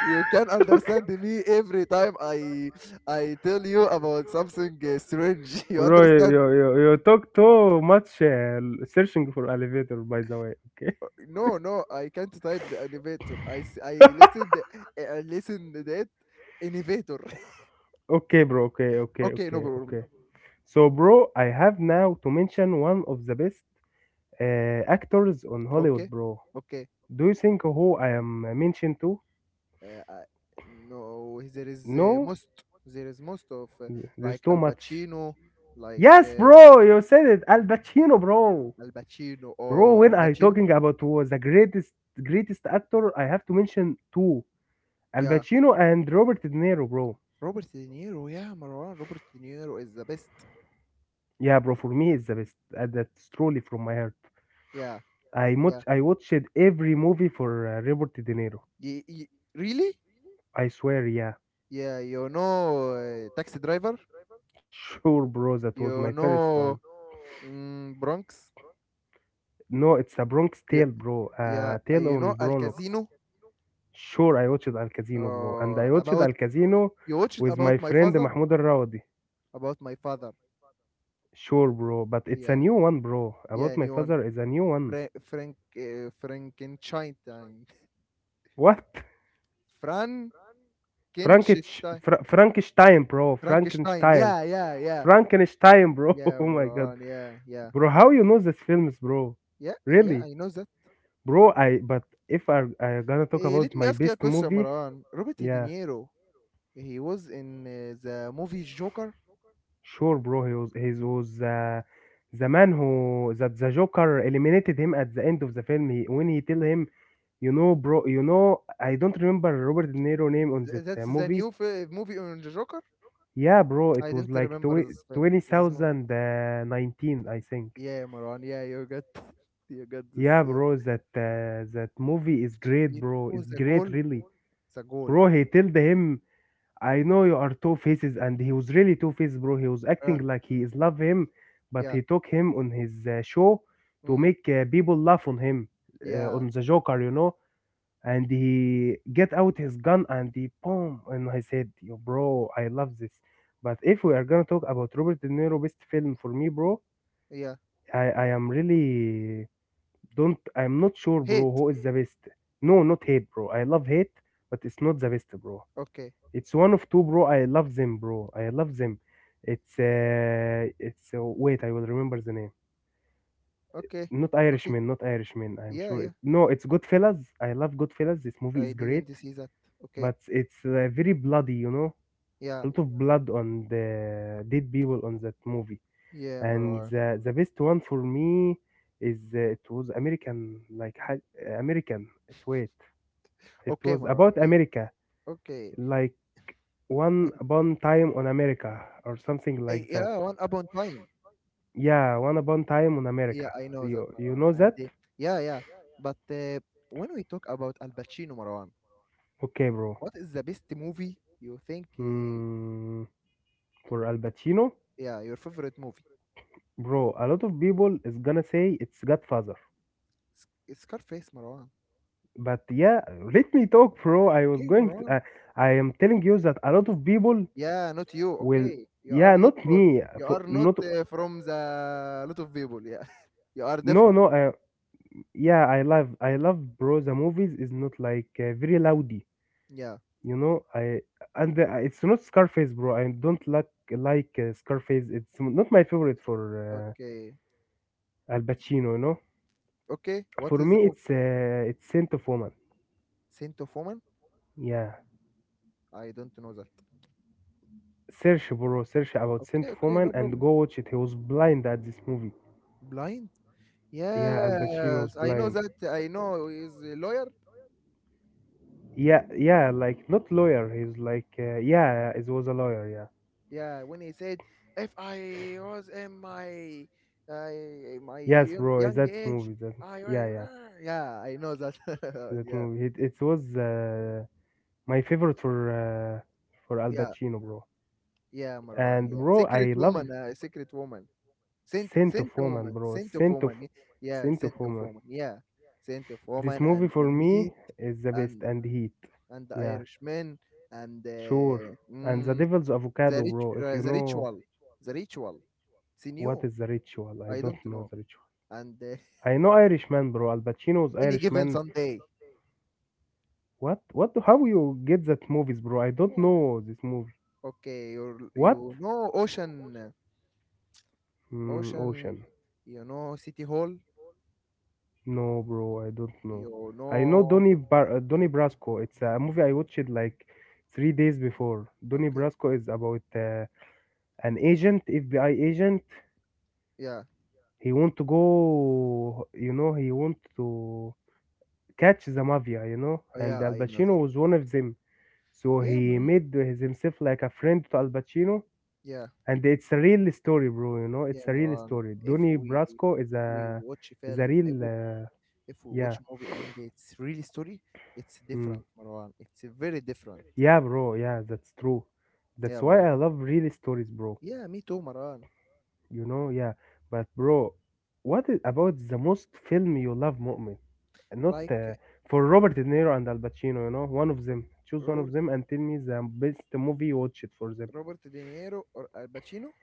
S1: You can
S2: Okay.
S1: understand me every time I I tell you about something uh, strange. You
S2: Bro, you,
S1: understand?
S2: you, you you talk too much uh, searching for elevator, by the way. Okay.
S1: Uh, No, no, I can't type the elevator. I s- I listened, I listened that elevator.
S2: Okay, bro. Okay, okay,
S1: Okay, no
S2: okay,
S1: problem.
S2: okay. So, bro, I have now to mention one of the best uh, actors on Hollywood,
S1: Okay,
S2: bro.
S1: okay.
S2: Do you think who I am mentioned to?
S1: Uh, I, no, there is uh,
S2: No,
S1: most there is most of uh, like
S2: there's
S1: Al
S2: too much.
S1: Pacino, like
S2: Yes,
S1: uh,
S2: bro, you said it. Al Pacino, bro.
S1: Al Pacino
S2: Bro,
S1: or Al
S2: when I
S1: Pacino.
S2: talking about who was the greatest greatest actor, I have to mention two, Al
S1: Yeah,
S2: Pacino and Robert De Niro, bro.
S1: Robert De Niro. Yeah, Marwan. Robert De Niro is the best.
S2: Yeah, bro, for me it's the best. Uh, that's truly from my heart.
S1: Yeah,
S2: I
S1: yeah.
S2: much I watched every movie for uh, Robert De Niro.
S1: Y- y- Really?
S2: I swear, yeah.
S1: Yeah, you know uh, Taxi Driver.
S2: Sure, bro, that was my
S1: You
S2: first one.
S1: know mm, Bronx.
S2: No, it's a Bronx
S1: Yeah,
S2: Tale, bro. Uh,
S1: yeah. uh,
S2: Tale
S1: You
S2: on
S1: know Al
S2: Bronx.
S1: Casino.
S2: Sure, I watched Al Casino, bro, and I
S1: Uh,
S2: watched
S1: about
S2: Al Casino
S1: You watched
S2: with
S1: about
S2: my
S1: my
S2: friend
S1: father.
S2: Mahmoud Al Raudi.
S1: About my father.
S2: Sure, bro, but it's a
S1: Yeah,
S2: new one, bro.
S1: yeah.
S2: About My
S1: Anyone?
S2: Father is a new one.
S1: Fra- Frank, uh, Frankenstein.
S2: What?
S1: Frankenstein.
S2: Frankenstein, Fra- Frankenstein, bro.
S1: Frankenstein.
S2: Frankenstein.
S1: Yeah, yeah, yeah.
S2: Frankenstein, bro.
S1: Yeah,
S2: Oh my god,
S1: Maran. Yeah, yeah.
S2: bro. How you know these films, bro?
S1: Yeah, yeah,
S2: Really,
S1: I know that.
S2: bro? I but if I I gonna talk
S1: Uh,
S2: about
S1: let me
S2: my
S1: ask you a
S2: best
S1: question,
S2: movie,
S1: Maran. Robert De
S2: yeah,
S1: Niro, he was in uh, the movie Joker.
S2: sure, bro. He was he was uh, the man who that the Joker eliminated him at the end of the film. He, when he tell him, you know, bro, you know, I don't remember Robert De Niro name on
S1: Th-
S2: that
S1: that's
S2: uh,
S1: the
S2: movie.
S1: new f- eh, movie on the Joker.
S2: Yeah, bro.
S1: I
S2: It was
S1: didn't
S2: like
S1: remember
S2: tw-
S1: this film. This movie.
S2: two thousand nineteen, I think.
S1: Yeah, Maran. Yeah, you got you got this.
S2: Yeah,
S1: Yeah.
S2: bro, that uh, that movie is great,
S1: You
S2: bro.
S1: know
S2: It's
S1: the
S2: great,
S1: goal?
S2: really,
S1: The goal.
S2: bro. He told him, "I know you are two faces," and he was really two faces, bro. He was
S1: Uh,
S2: acting like he is love him, but he
S1: yeah.
S2: took him on his uh, show to
S1: Mm,
S2: make uh, people laugh on him, uh,
S1: yeah.
S2: on the Joker, you know. And he get out his gun and he boom, and I said, "Yo, bro, I love this." But if we are gonna talk about Robert De Niro best film for me, bro,
S1: Yeah.
S2: I I am really don't I'm not sure, bro,
S1: Hate.
S2: who is the best. No, not hate, bro. I love hate, but it's not the best, bro.
S1: Okay,
S2: It's one of two, bro. I love them, bro. I love them. It's uh, it's uh, wait, I will remember the name.
S1: okay,
S2: Not
S1: okay.
S2: Irishman, not Irishman. I'm
S1: Yeah,
S2: sure.
S1: yeah.
S2: It, no, it's Goodfellas. I love Goodfellas. This movie
S1: I
S2: is great,
S1: didn't see that. Okay,
S2: but it's uh, very bloody, you know.
S1: yeah,
S2: A lot of blood on the dead people on that movie.
S1: yeah,
S2: And
S1: Marwan.
S2: the, the best one for me is uh, it was American, like ha- American. It's wait. It
S1: Okay,
S2: was
S1: Marwan.
S2: about
S1: Okay,
S2: America,
S1: okay.
S2: like One
S1: And
S2: Upon Time on America or something
S1: uh,
S2: like that.
S1: yeah, one upon time.
S2: Yeah, One Upon Time on
S1: Yeah,
S2: America.
S1: I know that,
S2: You you
S1: Marwan.
S2: know
S1: And
S2: that?
S1: uh, yeah, yeah. But uh, When we talk about Al Pacino, Marwan,
S2: Okay, bro.
S1: what is the best movie you think? Uh,
S2: Hmm, for Al Pacino,
S1: yeah, your favorite movie?
S2: bro, a lot of people is gonna say it's Godfather.
S1: Sc- Scarface, Marwan.
S2: But yeah, let me talk, bro. I was
S1: Okay,
S2: going to,
S1: Marwan.
S2: uh, I am telling you that a lot of people
S1: Yeah, not you.
S2: will
S1: Okay, you are
S2: yeah,
S1: not.
S2: not
S1: Uh,
S2: me
S1: you
S2: for
S1: are not
S2: not
S1: uh, from the lot of people. Yeah, you are
S2: no
S1: different.
S2: no uh, yeah, I love I love bro the movies is not like uh, very loudy.
S1: Yeah.
S2: You know, I and the, uh, it's not Scarface, bro. I don't like like uh, Scarface. It's m- not my favorite for
S1: Okay.
S2: uh, Al Pacino. You know,
S1: Okay, what
S2: for
S1: is
S2: me,
S1: the movie?
S2: it's uh, it's Saint of Woman.
S1: Scent of Woman?
S2: Yeah,
S1: I don't know that.
S2: search, bro, search about Saint
S1: Okay,
S2: of
S1: okay,
S2: Woman
S1: no
S2: and
S1: problem.
S2: go watch it. He was blind at this movie.
S1: Blind?
S2: Yeah, Al Pacino was
S1: Yes, I know
S2: blind.
S1: that. I know he's a lawyer.
S2: Yeah, yeah, like not lawyer. He's like uh, yeah, yeah, it was a lawyer. Yeah,
S1: Yeah, when he said, if I was in my I my
S2: yes,
S1: young,
S2: bro.
S1: young
S2: That
S1: age,
S2: movie. That
S1: I will.
S2: yeah, yeah,
S1: Yeah, I know that.
S2: that
S1: Yeah,
S2: movie. It it was uh, my favorite for uh, for Al
S1: yeah,
S2: Pacino, bro.
S1: yeah, Marwan.
S2: And
S1: Yeah,
S2: bro,
S1: Secret
S2: I
S1: Woman.
S2: love
S1: Uh, Secret Woman. Saint,
S2: Scent of
S1: Saint
S2: Woman,
S1: Woman.
S2: bro.
S1: Saint of
S2: Scent of
S1: Woman. Yeah, yeah,
S2: Scent of
S1: Saint of
S2: Woman.
S1: Woman. Yeah, Saint of
S2: This
S1: Woman
S2: movie
S1: and the
S2: for me
S1: Heat
S2: is the best
S1: and
S2: and Heat.
S1: and The
S2: Yeah,
S1: Irishman and
S2: sure.
S1: uh,
S2: And The
S1: mm,
S2: Devil's
S1: the
S2: Avocado,
S1: rit
S2: bro. If
S1: uh,
S2: you
S1: the
S2: know
S1: ritual the ritual It's
S2: what
S1: new.
S2: is the ritual, I
S1: I
S2: don't
S1: don't
S2: know
S1: know.
S2: the ritual.
S1: And uh,
S2: I know Irishman, bro. Al Pacino's
S1: Any Given
S2: Irishman.
S1: Sunday.
S2: What? What? How you get that movies, bro? I don't
S1: Yeah.
S2: know this movie.
S1: Okay, you
S2: What?
S1: you know Ocean, uh,
S2: Mm,
S1: Ocean.
S2: Ocean.
S1: You know City Hall.
S2: No, bro, I don't know.
S1: You
S2: I know
S1: know.
S2: Donnie Bar- uh, Donnie Brasco. It's a movie I watched like three days before. Donnie
S1: Okay.
S2: Brasco is about uh, an agent, F B I agent.
S1: Yeah.
S2: He want to go, you know, he want to catch the mafia, you know,
S1: Oh,
S2: and
S1: yeah,
S2: Al
S1: I know that.
S2: Pacino was one of them. So
S1: Yeah,
S2: he
S1: Maran.
S2: made his- himself like a friend to Al Pacino,
S1: Yeah.
S2: and it's a real story, bro. You know, it's
S1: Yeah,
S2: a real
S1: Maran,
S2: story.
S1: if
S2: Donnie
S1: we
S2: Brasco is
S1: if
S2: a
S1: we watch a
S2: is a
S1: film
S2: real,
S1: a movie,
S2: uh,
S1: if we
S2: Yeah.
S1: watch a movie and it's really story, it's
S2: Hmm.
S1: different, Marwan, it's very different.
S2: Yeah, bro. Yeah, that's true.
S1: Yeah,
S2: That's why
S1: Marwan.
S2: I love real stories, bro.
S1: Yeah, me too, Maran.
S2: You know, yeah. But, bro, what is about the most film you love moment? Not uh,
S1: Like
S2: For Robert De Niro and Al Pacino, you know, one of them. Choose one of
S1: Robert,
S2: them and tell me the best movie you watched for them.
S1: Robert De Niro or Al Pacino?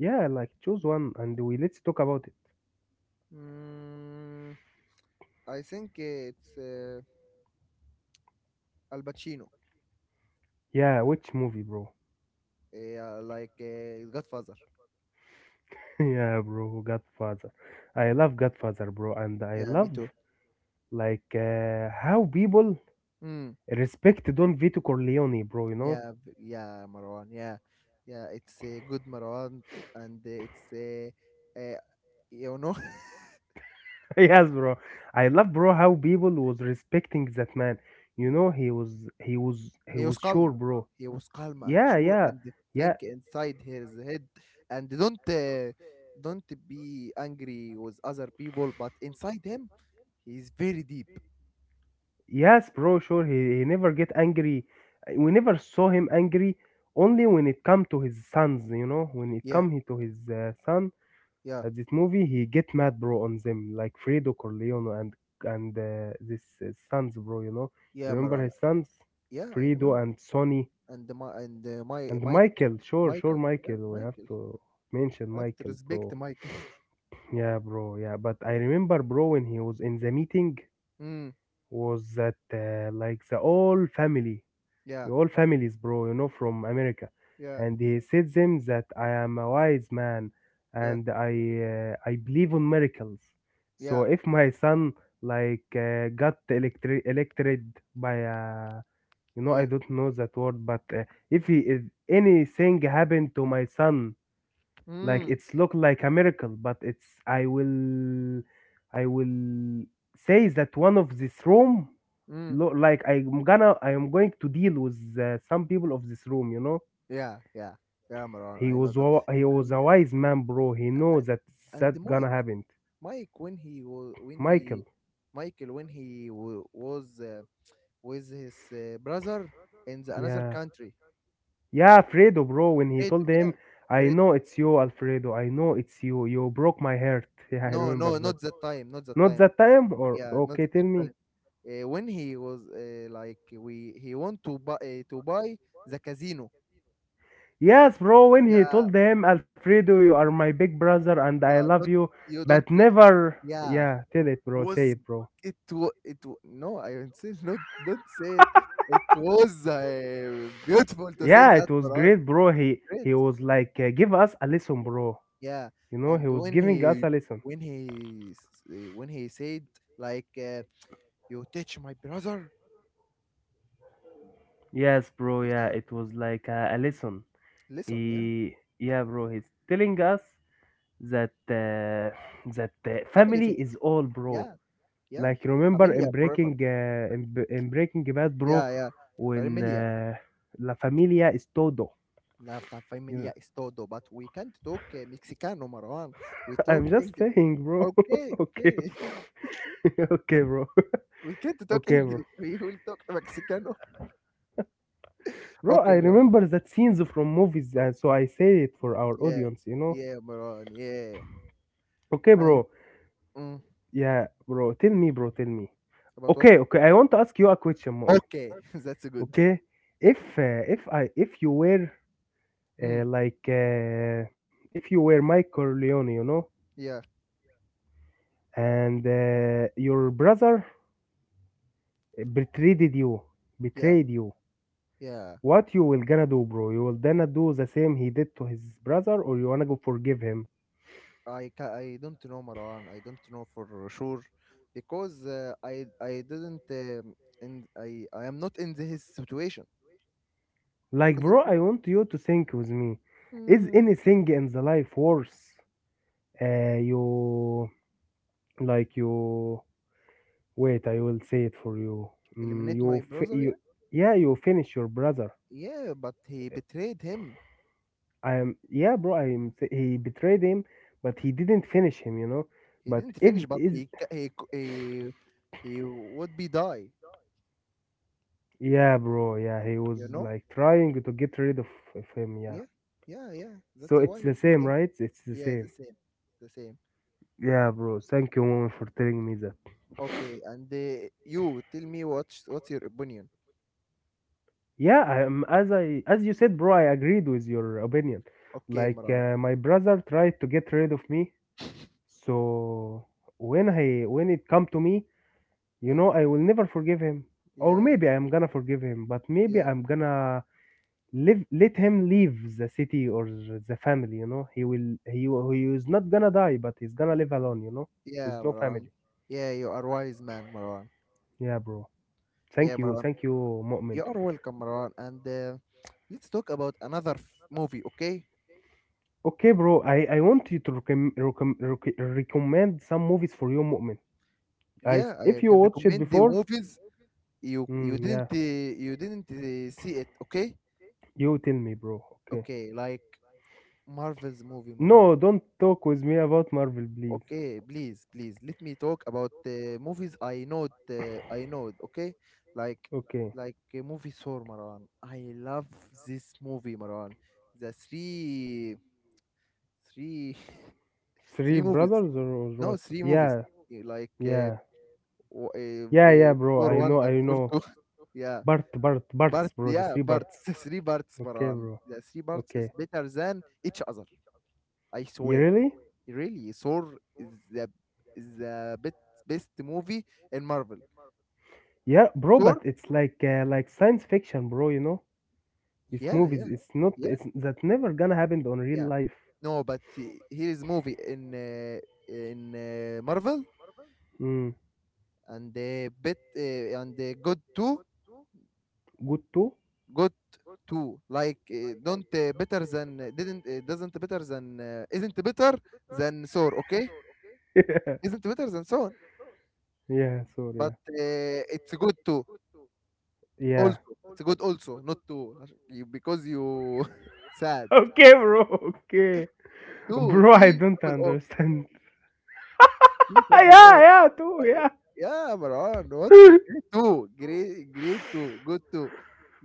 S2: Yeah, like choose one and we let's talk about it.
S1: Mm, I think it's uh, Al Pacino.
S2: Yeah, which movie, bro?
S1: Yeah, like uh, Godfather.
S2: Yeah, bro, Godfather. I love Godfather, bro, and I
S1: Yeah, me
S2: love
S1: too.
S2: like uh, how people
S1: Mm,
S2: respect Don Vito Corleone, bro. You know,
S1: yeah, v- yeah, Marwan. Yeah, yeah, it's a good, Marwan, and uh, it's uh, uh, you know.
S2: yes, bro, I love, bro, how people was respecting that man. You know, he was he was he
S1: He was
S2: was sure,
S1: calm.
S2: bro.
S1: He was calm and
S2: Yeah,
S1: sure
S2: yeah.
S1: and
S2: yeah
S1: think inside his head and don't uh, don't be angry with other people, but inside him, he's very deep.
S2: yes, bro, sure, he, he never get angry. We never saw him angry, only when it come to his sons, you know, when it
S1: Yeah,
S2: come he to his uh, son
S1: yeah,
S2: at this movie he get mad, bro, on them like Fredo Corleone and and uh, this uh, sons, bro, you know,
S1: yeah,
S2: remember
S1: Marana.
S2: his sons,
S1: Yeah, I remember.
S2: Fredo and Sonny.
S1: And the, Ma- and uh, my
S2: And
S1: Mike
S2: Michael, sure, sure,
S1: Michael. Yeah,
S2: Michael. We have
S1: Michael.
S2: to mention
S1: I have to
S2: Michael, bro.
S1: respect Michael.
S2: Yeah, bro. Yeah, but I remember, bro, when he was in the meeting,
S1: mm,
S2: was that uh, like the all family,
S1: yeah,
S2: the all families, bro, you know, from America,
S1: yeah,
S2: and he said them that I am a wise man
S1: yeah,
S2: and I uh, I believe on miracles. So
S1: yeah,
S2: if my son like uh, got electri- elected by a you know, I
S1: yeah.
S2: don't know that word, but uh, if he if anything happened to my son, like
S1: Mm,
S2: it's look like a miracle, but it's I will I will say that one of this room
S1: mm,
S2: look like I'm gonna I am going to deal with uh, some people of this room. You know,
S1: yeah, yeah, yeah, Marana.
S2: he
S1: I know
S2: was
S1: that.
S2: wa- he was
S1: And
S2: a wise man, bro. He knows that
S1: and
S2: that
S1: the
S2: gonna
S1: Mike.
S2: happen.
S1: Mike when he was when he
S2: Michael,
S1: Michael, when he wa- was uh, with his uh, brother in the another
S2: yeah,
S1: country.
S2: yeah, Alfredo, bro. When he
S1: Fredo,
S2: told
S1: yeah,
S2: him I
S1: Fred.
S2: know it's you, Alfredo. I know it's you. You broke my heart. Yeah, I
S1: No, no,
S2: remember that.
S1: not the time, not the
S2: Not
S1: time.
S2: that time? Or
S1: Yeah, not
S2: okay, tell
S1: the time.
S2: me.
S1: Uh, when he was uh, like we, he want to buy uh, to buy the casino.
S2: Yes, bro, when he
S1: Yeah,
S2: told him, Alfredo, you are my big brother and I
S1: uh,
S2: love
S1: don't
S2: you,
S1: you don't.
S2: but
S1: Uh,
S2: never
S1: yeah,
S2: yeah, tell it bro,
S1: was
S2: say it bro.
S1: it? Wa- It wa- no, I don't say not. Don't say it. It was uh, beautiful to say
S2: Yeah,
S1: that,
S2: it was
S1: Farhan.
S2: great, bro. He
S1: Great.
S2: he was like uh, give us a lesson, bro.
S1: Yeah,
S2: You know, he
S1: and
S2: was
S1: when
S2: giving us
S1: he
S2: a lesson.
S1: when he s- eh, when he said, like, uh, you touch my brother.
S2: Yes, bro, yeah,
S1: Yeah.
S2: it was like uh, a lesson.
S1: Listen. Yeah.
S2: He yeah, bro, he's telling us that uh, that uh,
S1: Family
S2: family
S1: first.
S2: is all, bro.
S1: Yeah, yeah.
S2: Like remember
S1: Familia
S2: in
S1: forever.
S2: Breaking uh, in, B- in Breaking Bad, bro,
S1: Yeah, yeah.
S2: when
S1: Familia.
S2: uh, La Familia is todo.
S1: La ta-
S2: You
S1: familia
S2: know?
S1: is todo. But we can't talk uh, Mexicano, Marwan. We
S2: I'm
S1: talk
S2: just
S1: English.
S2: saying, bro.
S1: Okay,
S2: Okay,
S1: okay.
S2: okay, bro.
S1: We can't talk
S2: Okay, bro.
S1: English. We will talk Mexicano.
S2: Bro, I
S1: Okay, Marwan.
S2: remember that scenes from movies, uh, so I say it for our
S1: Yeah,
S2: audience. You know.
S1: yeah, Marwan. Yeah.
S2: Okay,
S1: And
S2: bro.
S1: mm,
S2: Yeah, bro. Tell me, bro. Tell me.
S1: about what?
S2: Okay, okay. I want to ask you a question, mom.
S1: Okay. That's good.
S2: Okay, if uh, if I if you were
S1: mm,
S2: uh, like uh, if you were Mike Corleone, you know,
S1: yeah.
S2: and uh, your brother betrayed you
S1: Yeah,
S2: betrayed you.
S1: yeah.
S2: What you will gonna do, bro? You will gonna do the same he did to his brother, or you wanna go forgive him?
S1: I ca- I don't know, Marwan. I don't know for sure, because uh, I I didn't um, and I I am not in the, his situation,
S2: Like, bro,
S1: because
S2: I want you to think with me. Is anything in the life worse? Uh you like you wait, I will say it for you. mm,
S1: eliminate
S2: you
S1: my
S2: fi-
S1: brother.
S2: you
S1: Yeah,
S2: yeah, you finish your brother.
S1: yeah. But he betrayed him.
S2: I am yeah bro i am He betrayed him, but he didn't finish him, you know.
S1: He
S2: But
S1: didn't
S2: if
S1: finish, but
S2: is
S1: he ca- he c- he, he would be die.
S2: Yeah, bro. Yeah, he
S1: You
S2: was
S1: know?
S2: like trying to get rid of of him. Yeah.
S1: Yeah, yeah, yeah. That's
S2: So
S1: why
S2: it's
S1: he
S2: the
S1: finished
S2: same,
S1: him.
S2: right? It's the
S1: Yeah, the
S2: same.
S1: same, the same.
S2: Yeah, bro. Thank you, mom, for telling me that.
S1: Okay, and uh, you tell me, what's what's your opinion?
S2: Yeah, I am as I as you said, bro. I agreed with your opinion.
S1: Okay,
S2: Like
S1: Marwan.
S2: uh, my brother tried to get rid of me. So when I when it come to me, you
S1: Yeah,
S2: know, I will never forgive him. Or
S1: yeah,
S2: maybe I'm gonna forgive him, but maybe
S1: yeah.
S2: I'm gonna live let him leave the city or the family, you know. He will he will- he is not gonna die, but he's gonna live alone, you know, with
S1: Yeah,
S2: no
S1: Marwan.
S2: family.
S1: Yeah, you are wise man, Marwan.
S2: Yeah, bro. thank
S1: Yeah,
S2: you
S1: Marwan.
S2: thank you, Mu'min.
S1: You are welcome, Marwan. And uh, let's talk about another f- movie, okay?
S2: Okay, bro. I i want you to recom- recom- rec- recommend some movies for you, Mu'min. I,
S1: Yeah,
S2: s- if
S1: I
S2: you
S1: can
S2: watched it
S1: recommend the
S2: before.
S1: movies you you
S2: Mm, yeah,
S1: didn't uh, you didn't uh, see it, okay?
S2: you tell me, bro. Okay.
S1: Okay, like Marvel's movie, Marwan.
S2: No, don't talk with me about Marvel, please.
S1: Okay, please, please let me talk about uh, movies I know uh, I know, okay? Like
S2: Okay,
S1: like uh, movie Thor, Marwan. I love this movie, Marwan. The three three
S2: three
S1: three movies.
S2: brothers, or, or
S1: No,
S2: what?
S1: three movies.
S2: Yeah,
S1: Yeah, like uh,
S2: yeah,
S1: w- uh,
S2: yeah.
S1: w-
S2: Yeah,
S1: uh,
S2: bro,
S1: Thor
S2: I
S1: one
S2: know,
S1: and
S2: I
S1: Thor
S2: know.
S1: two. Yeah,
S2: Bart, Bart, Bart's,
S1: but
S2: bro. The
S1: yeah,
S2: three
S1: but
S2: Barts.
S1: three parts,
S2: Okay,
S1: Marwan.
S2: bro.
S1: The three parts is
S2: Okay.
S1: better than each other. I
S2: You
S1: swear.
S2: really?
S1: Really, Thor is the is the best best movie in Marvel.
S2: Yeah, bro.
S1: Thor.
S2: But it's like uh, like science fiction, bro. You know, these
S1: Yeah,
S2: movies.
S1: yeah,
S2: It's not.
S1: yeah,
S2: It's that never gonna happen on real
S1: yeah.
S2: life.
S1: No, but uh, here is movie in uh, in uh, Marvel
S2: Mm.
S1: and uh, bit uh, and uh, good too,
S2: Good too.
S1: good to, like, uh, don't uh, better than uh, didn't uh, doesn't better than uh, isn't better than sore, okay,
S2: Yeah.
S1: isn't better than so on, but
S2: Sorry.
S1: uh, it's good to
S2: Yeah. Yeah.
S1: also, it's good also, not to عش- you, because you sad.
S2: Okay, bro. Okay,
S1: Two, T W,
S2: bro. I
S1: t
S2: don't
S1: double o,
S2: understand.
S1: t double o.
S2: Yeah. Yeah. Too.
S1: Yeah.
S2: Yeah.
S1: Yeah, Marwan, what grade? Two grade, grade two, good to,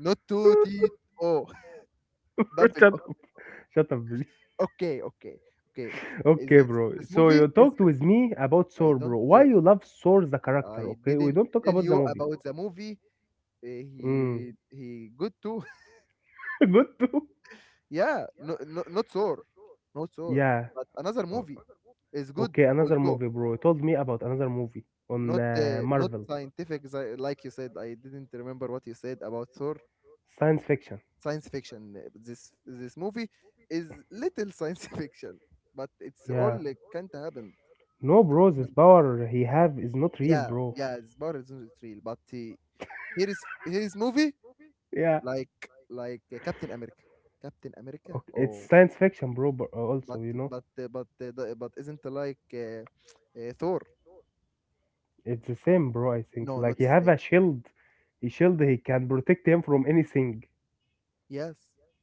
S1: not two, t, o, double
S2: Shut
S1: o.
S2: up. Shut up, please.
S1: Okay, okay, okay. Is
S2: Okay,
S1: this
S2: bro.
S1: this
S2: So you
S1: movie is.
S2: talked with me about
S1: I
S2: Thor, bro.
S1: don't
S2: Why
S1: eh,
S2: you love Thor the character?
S1: I
S2: Okay, we
S1: didn't
S2: don't talk
S1: tell
S2: about the
S1: you
S2: movie.
S1: about the movie. uh,
S2: Mm.
S1: he he good too.
S2: Good too.
S1: Yeah, no, no, not Thor, not Thor,
S2: Yeah.
S1: but another
S2: O-
S1: movie is good
S2: Okay, another movie,
S1: also.
S2: bro. You told me about another movie on
S1: Not
S2: uh,
S1: uh, not
S2: Marvel,
S1: scientific sci- like you said. I didn't remember what you said about Thor.
S2: science fiction.
S1: Science fiction. uh, This this movie is little science fiction, but it's all
S2: Yeah.
S1: like can't happen.
S2: No, bro, this power he have is not real,
S1: Yeah,
S2: bro.
S1: yeah, it's about it's real, but uh, here is here is movie
S2: Yeah.
S1: like like uh, Captain America. Captain America.
S2: Okay, it's
S1: Oh,
S2: science fiction, bro. But also,
S1: but
S2: you know,
S1: but uh, but uh, the- but isn't like uh, uh, Thor?
S2: it's the same, bro. I think
S1: No,
S2: like
S1: not
S2: he have
S1: Snape.
S2: a shield. He shield. He can protect him from anything.
S1: Yes,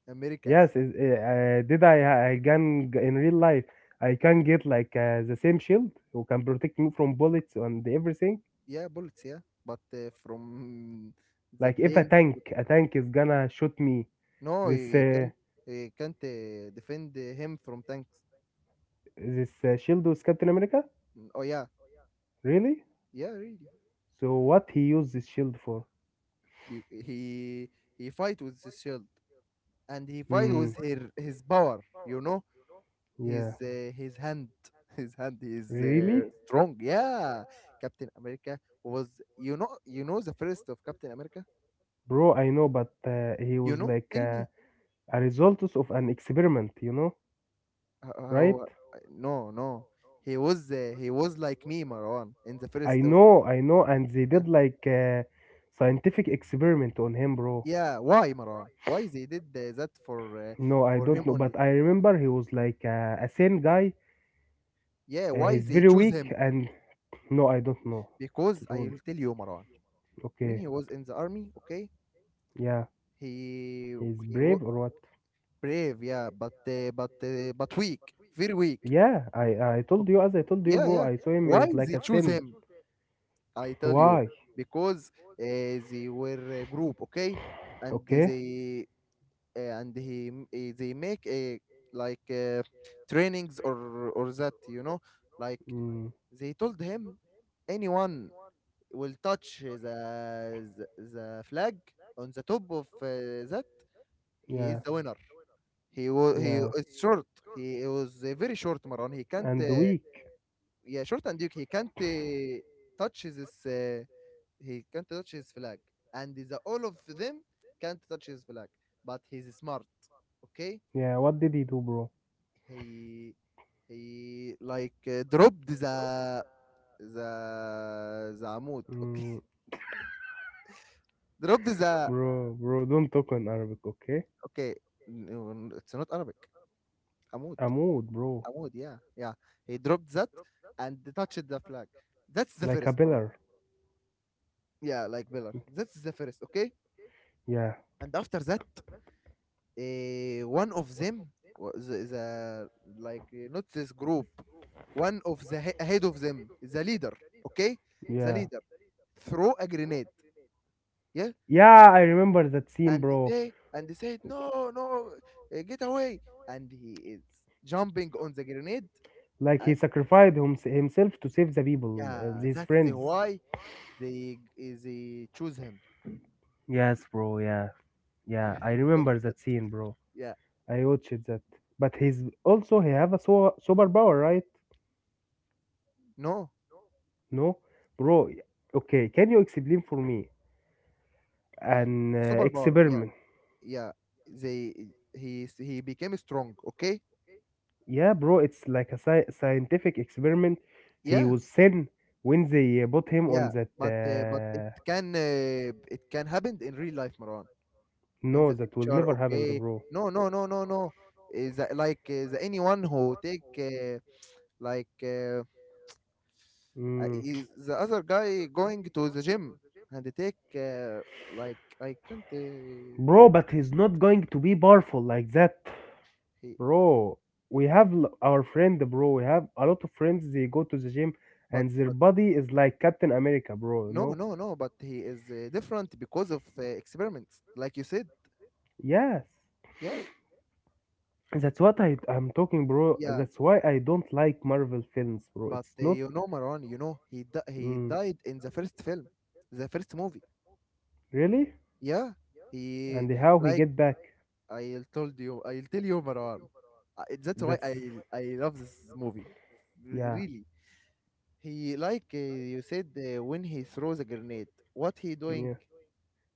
S1: America.
S2: Yes. Is eh, uh, did I? I can g- in real life, I can get like uh, the same shield who can protect me from bullets and everything.
S1: Yeah, bullets. Yeah, but uh, from the
S2: Like if a
S1: planes.
S2: tank a tank is gonna shoot me,
S1: No,
S2: this
S1: he
S2: uh,
S1: can't. He can't uh, defend uh, him from tanks.
S2: this uh, shield was Captain America?
S1: Mm, Oh, yeah,
S2: Really?
S1: yeah, really.
S2: So what he used this shield for?
S1: Be- He he fight with the shield, and he fight
S2: Hmm.
S1: with her, his power. You know.
S2: Yeah.
S1: His uh, his hand, his hand is
S2: Really?
S1: uh, strong. Yeah, Captain America was. You know, you know the first of Captain America.
S2: Bro, I know, but uh, he
S1: You
S2: was
S1: know,
S2: like
S1: tell
S2: uh,
S1: me
S2: a result of an experiment, you know,
S1: h-
S2: right?
S1: how? uh, No, no, he was uh, he was like me, Marwan, in the
S2: I
S1: first of.
S2: know, I know, and they
S1: Yeah,
S2: did like a scientific experiment on him, bro.
S1: yeah. Why, Marwan? Why they did uh, that for uh,
S2: No, I
S1: for him
S2: don't know,
S1: only?
S2: but I remember he was like uh, a sane guy.
S1: Yeah,
S2: Uh, he's
S1: why
S2: very
S1: they choose
S2: weak,
S1: him?
S2: and no, I don't know.
S1: Because
S2: Truly.
S1: I'll tell you, Marwan. When
S2: Okay.
S1: he was in the army, okay,
S2: Yeah.
S1: he
S2: He's
S1: he wa-
S2: brave or what?
S1: brave, yeah, but uh, but uh, but weak, very weak.
S2: Yeah, I I told you as I told you,
S1: Yeah,
S2: bro.
S1: yeah.
S2: I saw him. He
S1: Why
S2: was like
S1: they
S2: a
S1: choose
S2: sin.
S1: him? I tell you,
S2: Why?
S1: because uh, they were a group, okay, and
S2: Okay.
S1: they uh, and he m- eh, they make a, like, uh, trainings, or or that, you know, like
S2: Mm,
S1: they told him, anyone will touch the the, the flag on the top of uh, that, he
S2: yeah,
S1: is the winner. He was, he
S2: yeah.
S1: is short. He was uh, very short, Maran. He can't.
S2: And
S1: Uh,
S2: weak.
S1: yeah, short and Duke. He can't uh, touch his. Uh, he can't touch his flag, and the all of them can't touch his flag. But he's smart. Okay,
S2: Yeah. What did he do, bro?
S1: he he like uh, dropped the the the amud. Okay,
S2: Mm,
S1: dropped the.
S2: Bro, bro. Don't talk in Arabic, okay?
S1: Okay. No, no, it's not Arabic. Amud.
S2: Amud, bro.
S1: Amud. Yeah, yeah. He dropped that and touched the flag. That's the
S2: Like a
S1: first, Maran.
S2: pillar.
S1: Yeah, like Villar. That's the first, okay?
S2: Yeah,
S1: And after that, uh, one of them was the, the like, uh, not this group, one of the he- head of them, the leader, okay? The
S2: yeah,
S1: leader throw a grenade, yeah,
S2: yeah. I remember that scene,
S1: and
S2: bro.
S1: they and they said, no, no, uh, get away, and he is jumping on the grenade,
S2: Like he
S1: and
S2: sacrificed hims- himself to save the people
S1: yeah,
S2: and his
S1: that's the
S2: friends.
S1: why they eh, they choose him.
S2: Yes, bro. Yeah, yeah. I
S1: Thank
S2: remember
S1: you. God.
S2: that scene, bro.
S1: Yeah,
S2: I watched that. But he's also he have a so superpower, right?
S1: no
S2: No, bro. Okay, can you explain for me an uh,
S1: superpower. Yeah
S2: experiment?
S1: Yeah, they, he s- he became strong. Okay,
S2: Yeah, bro. It's like a sci- scientific experiment. He
S1: yeah,
S2: was sent when they uh, put him on
S1: yeah,
S2: that.
S1: but uh, but it
S2: Uh...
S1: can uh, it can happen in real life, Maran, in
S2: No,
S1: the
S2: that will
S1: future.
S2: never happen,
S1: Okay,
S2: bro.
S1: no, no, no, no, no. Is that, like, is anyone who take uh, like uh, uh,
S2: Mm.
S1: is the other guy going to the gym and they take uh, like I can't uh,
S2: Bro,
S1: re-
S2: but he's not going to be powerful like that,
S1: he
S2: bro. We have l- our friend, bro. We have a lot of friends. They go to the gym,
S1: but
S2: and their
S1: but
S2: body is like Captain America, bro. You
S1: no,
S2: know.
S1: no, no, but he is uh, different because of uh, experiments, like you said.
S2: Yes,
S1: Yeah,
S2: that's what I I'm talking, bro.
S1: yeah.
S2: That's why I don't like Marvel films, bro.
S1: But
S2: It's
S1: uh,
S2: not
S1: you know, Maran, you know he di he
S2: mm,
S1: died in the first film, the first movie.
S2: really.
S1: Yeah, he,
S2: And how he
S1: like,
S2: get back?
S1: I told you, I'll tell you, Maran. I, that's why
S2: That's
S1: I I love this movie. R-
S2: Yeah,
S1: really. He, like, uh, you said uh, when he throws a grenade, what he doing?
S2: yeah.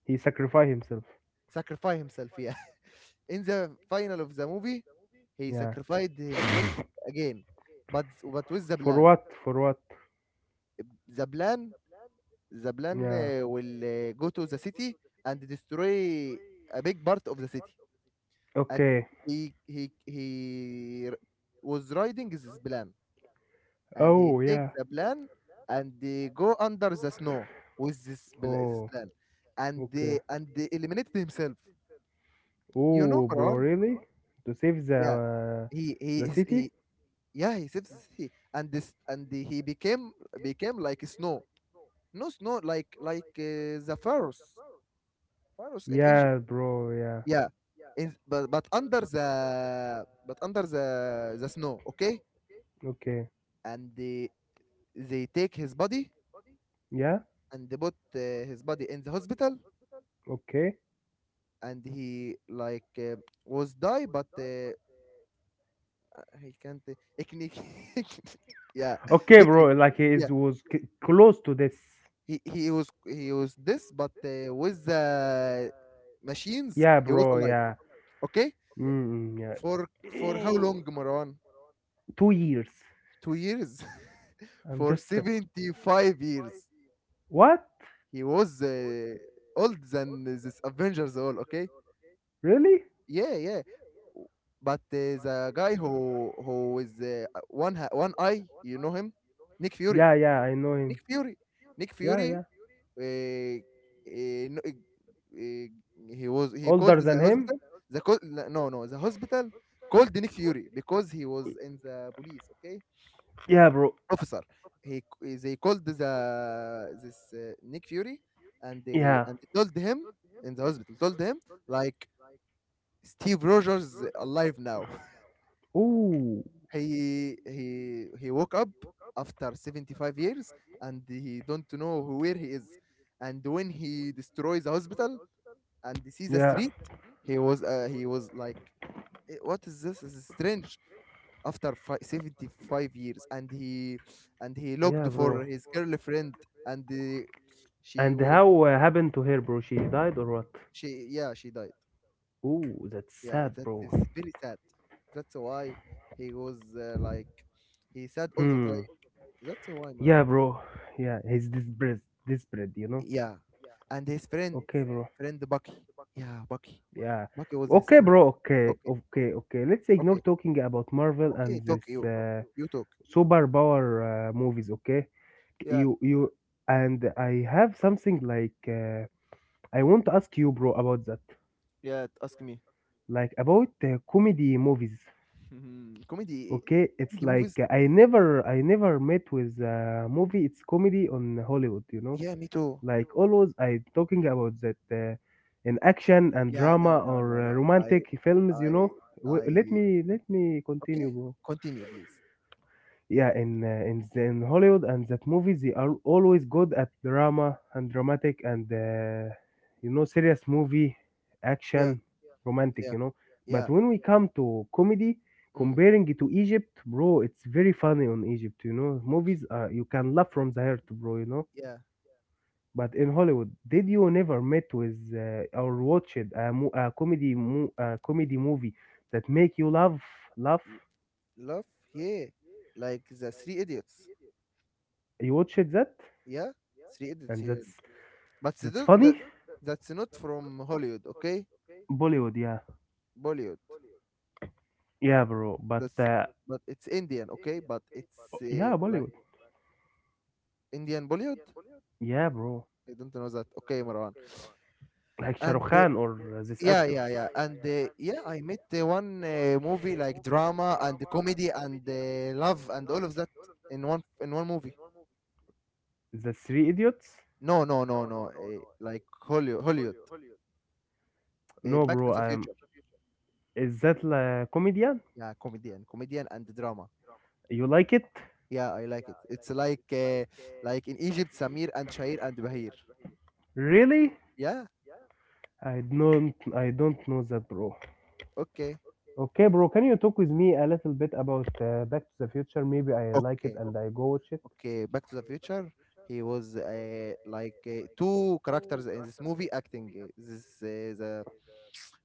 S2: He sacrificed himself.
S1: Sacrifice himself. Yeah, in the final of the movie, he
S2: Yeah.
S1: sacrificed himself again, but, but with the
S2: For
S1: plan.
S2: what? For what?
S1: The plan. The plan
S2: Yeah.
S1: uh, will uh, go to the city and destroy a big part of the city. And
S2: Okay.
S1: he he he r- was riding this plan, and he
S2: Oh
S1: takes
S2: yeah.
S1: the plan and they go under the snow with this bl- this
S2: Oh
S1: plan, and
S2: okay.
S1: they and they eliminated himself. You know,
S2: Oh bro,
S1: Maran?
S2: really? To save the
S1: Yeah,
S2: uh,
S1: he he
S2: the
S1: is
S2: city?
S1: he. Yeah, he saves the city, and this and the, he became became like snow. No snow, like, like uh, the pharaohs, pharaohs in Egypt.
S2: Yeah, bro. Yeah.
S1: Yeah, in, but but under the, but under the the snow, okay?
S2: Okay.
S1: And they they take his body
S2: Yeah.
S1: and they put uh, his body in the hospital,
S2: Okay.
S1: and he, like, uh, was die, but uh, he can't technique. Yeah,
S2: Okay,
S1: technically.
S2: bro. Like he
S1: Yeah,
S2: is, was c- close to this.
S1: he he was he was this, but uh, with the machines,
S2: Yeah,
S1: he was
S2: bro.
S1: alive.
S2: Yeah.
S1: Okay,
S2: Mm, yeah.
S1: for for how long, Marwan?
S2: Two years.
S1: Two years,
S2: I'm
S1: for
S2: just.
S1: seventy five years.
S2: What?
S1: He was uh, old than this Avengers all. Okay,
S2: Really?
S1: yeah, yeah. W- But uh, the guy who who is uh, one ha- one eye, you know him, Nick Fury.
S2: Yeah, yeah. I know
S1: Nick
S2: him.
S1: Fury. Nick
S2: Yeah,
S1: Fury.
S2: yeah.
S1: Uh, uh, no, uh, uh, he was he called
S2: Older than
S1: the
S2: him?
S1: hospital. The co- no no, the hospital called Nick Fury because he was in the police. Okay.
S2: Yeah, bro.
S1: Professor. He They called the this, uh, Nick Fury, and they
S2: Yeah.
S1: and they told him in the hospital, told him like Steve Rogers alive now.
S2: Ooh.
S1: He he he woke up after seventy-five years, and he don't know who- where he is. And when he destroys the hospital and he sees the
S2: Yeah.
S1: street, he was uh, he was like, "Eh, what is this? This is strange." after fi- seventy-five years, and he and he
S2: Yeah,
S1: looked for
S2: bro.
S1: his girlfriend and uh, she
S2: And
S1: was,
S2: how uh, happened to her, bro? She died or what?
S1: she yeah, she died.
S2: Ooh, that's
S1: yeah
S2: sad,
S1: it-
S2: bro.
S1: it's very sad. That's why he was uh, like, he said all the
S2: Hmm.
S1: time, that's why,
S2: Yeah,
S1: Maran.
S2: bro. Yeah, he's desperate. Desperate, you know.
S1: Yeah. And his friend
S2: Okay, bro.
S1: friend Bucky, yeah, Bucky.
S2: Yeah.
S1: Bucky was his
S2: Okay,
S1: friend.
S2: bro. Okay.
S1: Okay,
S2: Okay. Okay. Let's ignore
S1: okay,
S2: talking about Marvel
S1: okay
S2: and
S1: talk
S2: this.
S1: you
S2: Uh,
S1: You talk.
S2: superpower uh, movies, okay.
S1: Yeah.
S2: You you and I have something like, uh, I want to ask you, bro, about that,
S1: Yeah, ask me.
S2: like about uh, comedy movies.
S1: Comedy.
S2: Okay, it's
S1: Comedy
S2: like,
S1: movies,
S2: uh, i never I never met with a movie, it's comedy on Hollywood, you know.
S1: yeah, me too.
S2: Like always I talking about that, uh, in action and
S1: Yeah,
S2: drama
S1: no, no,
S2: or
S1: no,
S2: uh,
S1: no.
S2: romantic
S1: I,
S2: films, you
S1: I,
S2: know. Wait, let
S1: I.
S2: me let me continue,
S1: Okay,
S2: bro.
S1: continue, please.
S2: Yeah, in uh, in the, in Hollywood, and that movies they are always good at drama and dramatic, and uh, you know, serious movie,
S1: Yeah,
S2: action, romantic,
S1: yeah,
S2: you know. But
S1: yeah,
S2: when we come to comedy,
S1: mm,
S2: comparing it to Egypt, bro, it's very funny on Egypt, you know, movies, uh, you can laugh from the heart, bro, you know.
S1: yeah.
S2: But in Hollywood, did you never met with uh, or watched a, mo- a comedy mo- a comedy movie that make you laugh, laugh?
S1: y- Love, yeah, like the Three Idiots.
S2: You watched that?
S1: Yeah, Three Idiots.
S2: And
S1: Yeah.
S2: that's
S1: But
S2: that's
S1: the, the,
S2: funny.
S1: that's not from Hollywood, okay?
S2: Bollywood, yeah.
S1: Bollywood.
S2: Yeah, bro. But
S1: That's,
S2: uh,
S1: but it's Indian, okay? But it's
S2: yeah,
S1: uh, like
S2: Bollywood.
S1: Indian Bollywood.
S2: Yeah, bro.
S1: I don't know that. Okay, Marwan.
S2: Like Shah
S1: And
S2: Rukh
S1: uh,
S2: Khan or uh, these
S1: yeah,
S2: actors.
S1: yeah, yeah. And uh, yeah, I met uh, one uh, movie like drama and comedy and uh, love and all of that in one in one movie.
S2: The Three Idiots?
S1: No, no, no, no. Uh, like Hollywood, Hollywood. Uh,
S2: No,
S1: Back to
S2: bro.
S1: the
S2: I'm.
S1: Future.
S2: Is that la comedian?
S1: Yeah, comedian, comedian and drama.
S2: You like it?
S1: Yeah, I like it. It's like uh, like in Egypt, Samir and Shair and Bahir.
S2: Really?
S1: Yeah.
S2: I don't. I don't know that, bro.
S1: Okay.
S2: Okay, bro. Can you talk with me a little bit about uh, Back to the Future? Maybe I like it
S1: Okay.
S2: and I go watch it.
S1: Okay. Back to the Future. He was uh, like uh, two characters in this movie acting. uh, This uh, the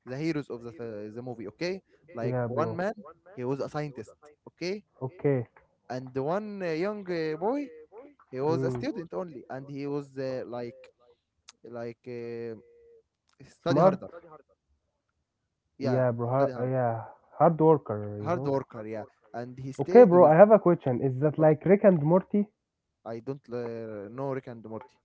S1: the heroes of the f- the movie, okay, like
S2: Yeah,
S1: one
S2: bro.
S1: man, he was a scientist, okay.
S2: Okay.
S1: And the one uh, young uh, boy, he was a
S2: Hmm.
S1: student only, and he was uh, like, like uh, study
S2: Smart.
S1: harder, yeah,
S2: Yeah, bro. Hard,
S1: study hard,
S2: yeah, hard worker, you
S1: hard
S2: know.
S1: worker, yeah. And he
S2: Okay,
S1: stayed
S2: bro.
S1: with,
S2: I have a question. Is that
S1: okay.
S2: like Rick and Morty?
S1: I don't uh, know Rick and Morty.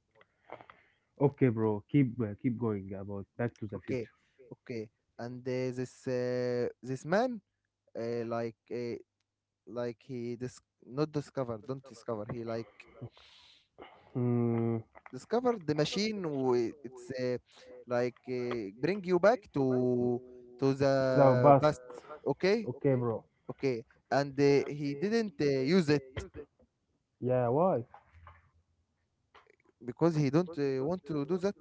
S2: Okay, bro, keep uh, keep going about Back to the
S1: Okay,
S2: Future.
S1: okay. And uh, this uh, this man uh, like uh, like he dis- not discover, don't discover, he like
S2: Hmm.
S1: discovered the machine. W- it's uh, like uh, bring you back to to
S2: The
S1: the
S2: best.
S1: past, okay,
S2: Okay, bro.
S1: okay. And uh, he didn't uh, use it
S2: Yeah. Why?
S1: because he don't uh, want to do that.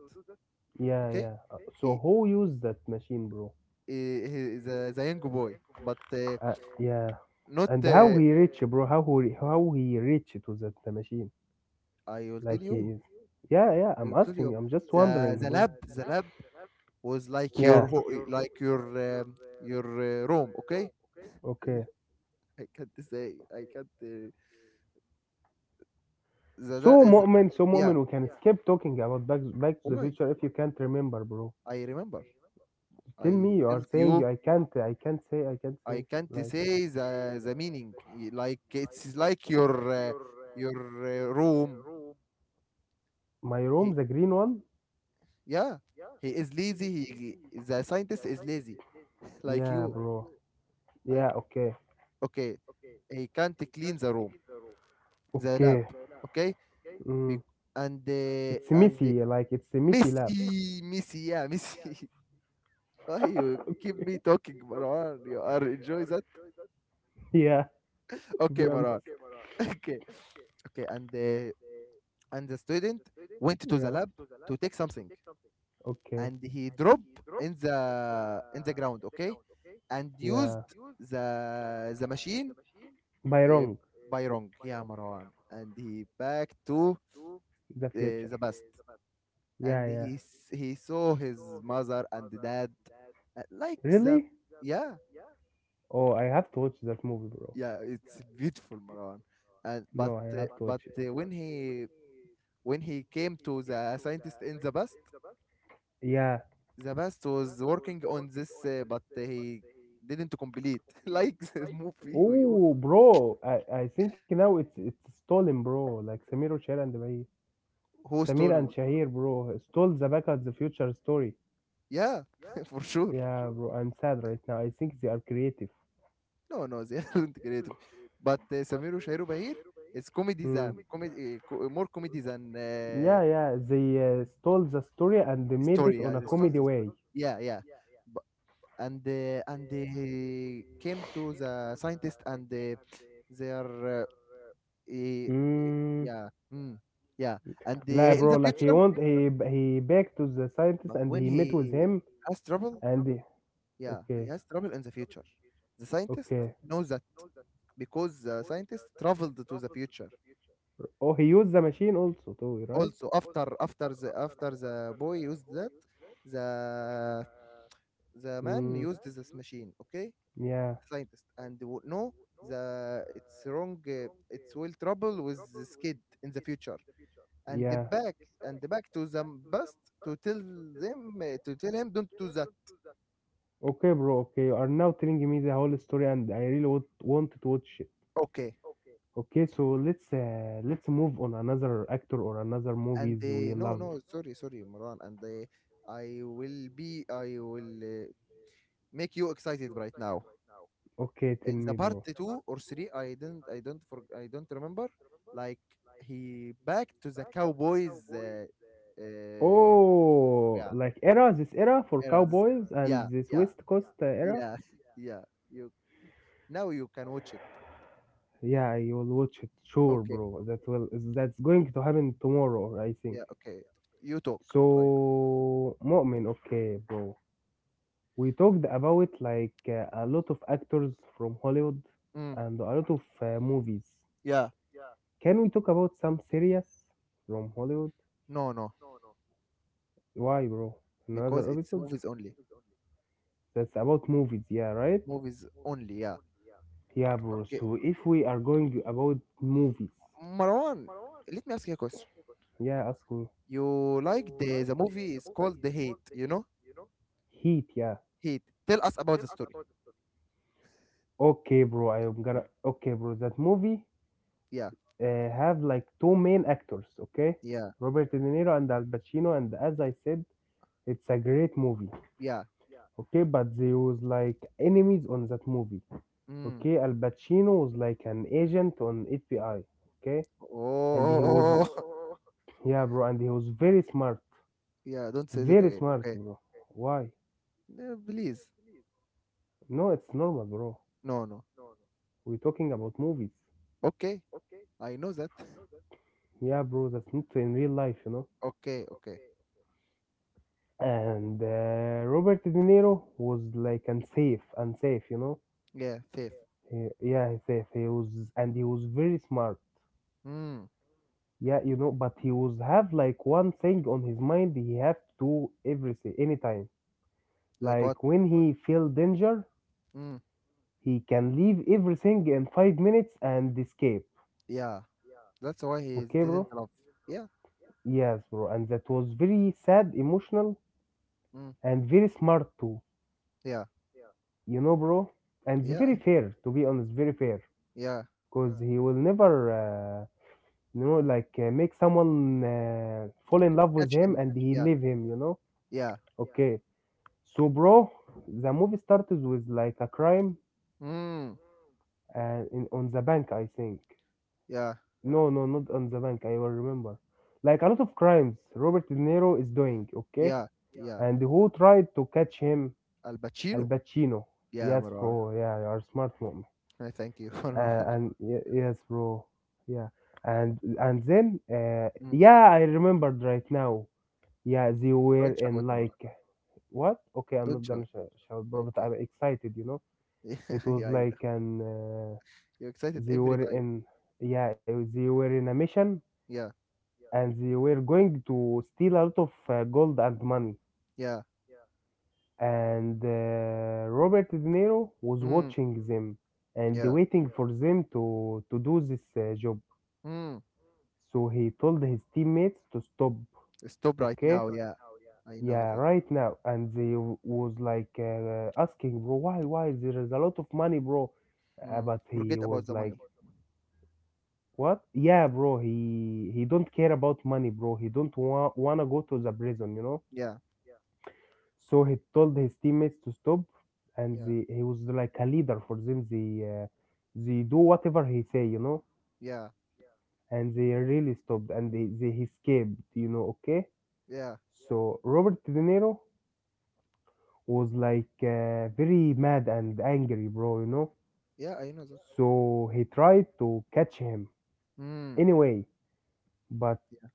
S2: Yeah,
S1: Okay,
S2: yeah. Uh, So
S1: he,
S2: who used that machine, bro?
S1: uh, he is a, the young boy, but uh,
S2: Uh, yeah.
S1: not
S2: And how
S1: uh,
S2: he reached, bro? How he how he reached to that the machine?
S1: I will tell
S2: Like
S1: you,
S2: he is. Yeah, yeah.
S1: I
S2: I'm
S1: will tell you.
S2: asking. I'm just
S1: the
S2: wondering,
S1: the
S2: bro.
S1: lab the lab was like your
S2: Yeah.
S1: ho- like your um, your uh, room, okay.
S2: Okay.
S1: I can't say, I can't uh, the, that
S2: So
S1: is,
S2: Mu'min, so
S1: yeah.
S2: Mu'min, we can skip talking about Back Back to the
S1: Why?
S2: Future if you can't remember, bro.
S1: I remember.
S2: Tell
S1: I
S2: me, you are
S1: told
S2: saying
S1: you.
S2: you I can't, I can't say, I can't
S1: I
S2: say.
S1: can't
S2: Like
S1: say the, the meaning. Y- Like it's like your uh, your uh, room.
S2: my room,
S1: He,
S2: the green one.
S1: yeah, he is lazy. He The scientist is lazy, like
S2: Yeah,
S1: you.
S2: bro.
S1: I,
S2: Yeah, okay,
S1: okay. He can't clean the room, the lab.
S2: okay.
S1: Okay,
S2: Mm.
S1: Be- and uh,
S2: It's
S1: and uh,
S2: messy, like it's a messy lab.
S1: Missy, Missy, yeah, Missy. Why you keep me talking, Marwan? You are enjoy that?
S2: Yeah, to
S1: Okay,
S2: be honest.
S1: Marwan. Okay, okay, and uh, and the student went to the
S2: Yeah.
S1: lab to take something,
S2: Okay.
S1: and he dropped in the in the ground, okay, and used
S2: Yeah.
S1: the the machine
S2: By
S1: uh,
S2: wrong,
S1: by wrong, yeah, Marwan. And he back to uh,
S2: the future.
S1: the best.
S2: Yeah,
S1: And
S2: yeah.
S1: he s- he saw his mother and dad, uh, like the,
S2: Really?
S1: yeah,
S2: Oh, I have to watch that movie, bro.
S1: yeah, it's beautiful, Marwan. And
S2: No,
S1: but
S2: I
S1: uh,
S2: have to watch
S1: but
S2: it.
S1: uh, when he, when he came to the scientist in the best,
S2: Yeah.
S1: the best was working on this, uh, but he didn't complete, like the movie we all.
S2: Oh, bro, I, I think now it's it's stolen, bro. Like Samir and Shahir and Bahir.
S1: Who
S2: Samir and
S1: stole?
S2: Shahir, bro, stole the back of the future story.
S1: Yeah, for sure.
S2: Yeah, bro, I'm sad right now. I think they are creative.
S1: No, no, they aren't creative. But uh, Samir Shairu Bahir is comedy
S2: Hmm.
S1: than comedy, uh, co- more comedy than uh,
S2: Yeah, yeah, they uh, stole the story and they made it
S1: story.
S2: on
S1: Yeah,
S2: a
S1: they stole
S2: comedy
S1: the story.
S2: way.
S1: Yeah, yeah. But, and uh, and he came to the scientist, and uh, they are uh, eh,
S2: Mm,
S1: yeah, mm, yeah. And uh,
S2: like,
S1: in
S2: bro,
S1: the
S2: like he
S1: future,
S2: want he he back to the scientist
S1: but
S2: and
S1: when
S2: he met with
S1: he
S2: him
S1: has trouble.
S2: and he-
S1: Yeah, he
S2: okay,
S1: has trouble in the future. The scientist
S2: okay.
S1: knows that because the scientist traveled to the future.
S2: Oh, he used the machine also too, right?
S1: Also, after after the after the boy used that, the the man
S2: Mm.
S1: used this machine. Okay,
S2: Yeah,
S1: scientist, and w- no, the it's wrong. Uh, it will trouble with this kid in the future, and the
S2: yeah.
S1: back, and the back to the past, to tell them uh, to tell him, don't do that.
S2: Okay, bro. Okay, you are now telling me the whole story, and I really would want to watch it.
S1: Okay,
S2: Okay, so let's uh, let's move on another actor or another
S1: and
S2: movies we
S1: they, no,
S2: love.
S1: no, sorry, sorry, Marwan. And they, I will be, I will uh, make you excited right now.
S2: Okay, tell
S1: In the
S2: me,
S1: part
S2: bro.
S1: two or three, I didn't I don't for I don't remember, like he back to the Cowboys uh, uh,
S2: Oh,
S1: yeah,
S2: like era, this era for
S1: era, this era.
S2: cowboys
S1: Yeah,
S2: and this
S1: yeah,
S2: West Coast uh, era.
S1: yeah. Yeah, you, now you can watch it,
S2: Yeah, I will watch it, sure,
S1: okay.
S2: bro. That will that's going to happen tomorrow, I think.
S1: Yeah, okay, you talk. Right.
S2: So, Mu'min, okay, bro. We talked about like uh, a lot of actors from Hollywood
S1: Mm,
S2: and a lot of uh, movies.
S1: yeah.
S2: Can we talk about some series from Hollywood?
S1: No, no,
S2: Why, bro?
S1: because
S2: Another
S1: it's
S2: episode
S1: movies only.
S2: that's about movies, yeah, right?
S1: Movies only, yeah.
S2: Yeah, bro.
S1: Okay,
S2: So if we are going about movies,
S1: Marwan, let me ask you a question.
S2: yeah, ask me.
S1: You like the the movie is called The Hate, you know?
S2: Heat, yeah.
S1: Hate. Tell us about the story.
S2: Okay, bro. I'm gonna. Okay, bro. That movie
S1: Yeah,
S2: uh, have like two main actors, okay?
S1: yeah,
S2: Robert De Niro and Al Pacino, and as I said, it's a great movie.
S1: yeah.
S2: Okay, but they was like enemies on that movie.
S1: Mm.
S2: Okay, Al Pacino was like an agent on F B I, okay.
S1: Oh,
S2: And he
S1: oh,
S2: was,
S1: oh, oh.
S2: yeah, bro, and he was very smart.
S1: Yeah. Don't say that
S2: Very
S1: again.
S2: smart,
S1: Okay.
S2: bro. Why?
S1: No, please.
S2: No, it's normal, bro.
S1: No, no.
S2: We're talking about movies.
S1: Okay. I know that.
S2: Yeah, bro, that's not in real life, you know.
S1: Okay, okay.
S2: And uh, Robert De Niro was like unsafe, unsafe, you know.
S1: Yeah, thief.
S2: He- yeah, he's safe. He was And he was very smart.
S1: Mm.
S2: Yeah, you know, but he was have like one thing on his mind. He have to do everything anytime.
S1: Like what?
S2: Like when he feel danger,
S1: Mm.
S2: he can leave everything in five minutes and escape.
S1: Yeah. That's why he
S2: Okay, bro?
S1: didn't love. Yeah.
S2: Yes, bro. And that was very sad, emotional,
S1: Mm.
S2: and very smart too.
S1: Yeah.
S2: You know, bro. And it's
S1: Yeah.
S2: very fair, to be honest, very fair.
S1: Yeah.
S2: Because he will never, uh, you know, like uh, make someone uh, fall in love with
S1: Catch
S2: him
S1: him.
S2: and he
S1: Yeah.
S2: leave him. You know?
S1: Yeah.
S2: Okay. So, bro, the movie starts with like a crime
S1: Mm.
S2: uh, in, on the bank, I think.
S1: Yeah.
S2: No, no, not on the bank. I will remember. Like a lot of crimes Robert De Niro is doing, okay?
S1: Yeah. Yeah.
S2: And who tried to catch him?
S1: Al
S2: Al
S1: Pacino.
S2: Pacino.
S1: Yeah,
S2: Yes,
S1: Marwan.
S2: bro. Yeah, you are smart, mom.
S1: I thank you,
S2: Uh,
S1: Marwan.
S2: and y- yes, bro. Yeah. And and then uh,
S1: Mm.
S2: yeah, I remembered right now. Yeah, they were
S1: Don't shout,
S2: in
S1: Marwan.
S2: like what? Okay, I'm
S1: Don't
S2: not
S1: shout.
S2: gonna sh- shout, bro, but
S1: Okay.
S2: I'm excited, you know.
S1: Yeah,
S2: It was
S1: yeah, I know.
S2: like an uh,
S1: You're excited
S2: they
S1: every
S2: were
S1: time.
S2: in yeah they were in a mission
S1: Yeah,
S2: and they were going to steal a lot of uh, gold and money.
S1: yeah.
S2: And uh, Robert De Niro was
S1: Mm,
S2: watching them and
S1: yeah.
S2: waiting for them to to do this uh, job.
S1: Mm.
S2: So he told his teammates to stop.
S1: Stop right
S2: Okay.
S1: now. Yeah, I know
S2: Yeah,
S1: that.
S2: right now. And they w- was like uh, asking, bro, why, why? There is a lot of money, bro. Uh,
S1: Mm.
S2: but he
S1: Forget
S2: was
S1: about the
S2: like,
S1: money.
S2: what? Yeah, bro. He he don't care about money, bro. He don't wa- wanna go to the prison, you know.
S1: Yeah,
S2: So he told his teammates to stop, and
S1: yeah,
S2: they, he was like a leader for them. They uh, they do whatever he say, you know.
S1: yeah,
S2: And they really stopped, and they they he escaped, you know. Okay.
S1: yeah,
S2: So Robert De Niro was like uh, very mad and angry, bro. You know.
S1: yeah. I know that.
S2: So he tried to catch him
S1: Mm.
S2: anyway, but
S1: Yeah,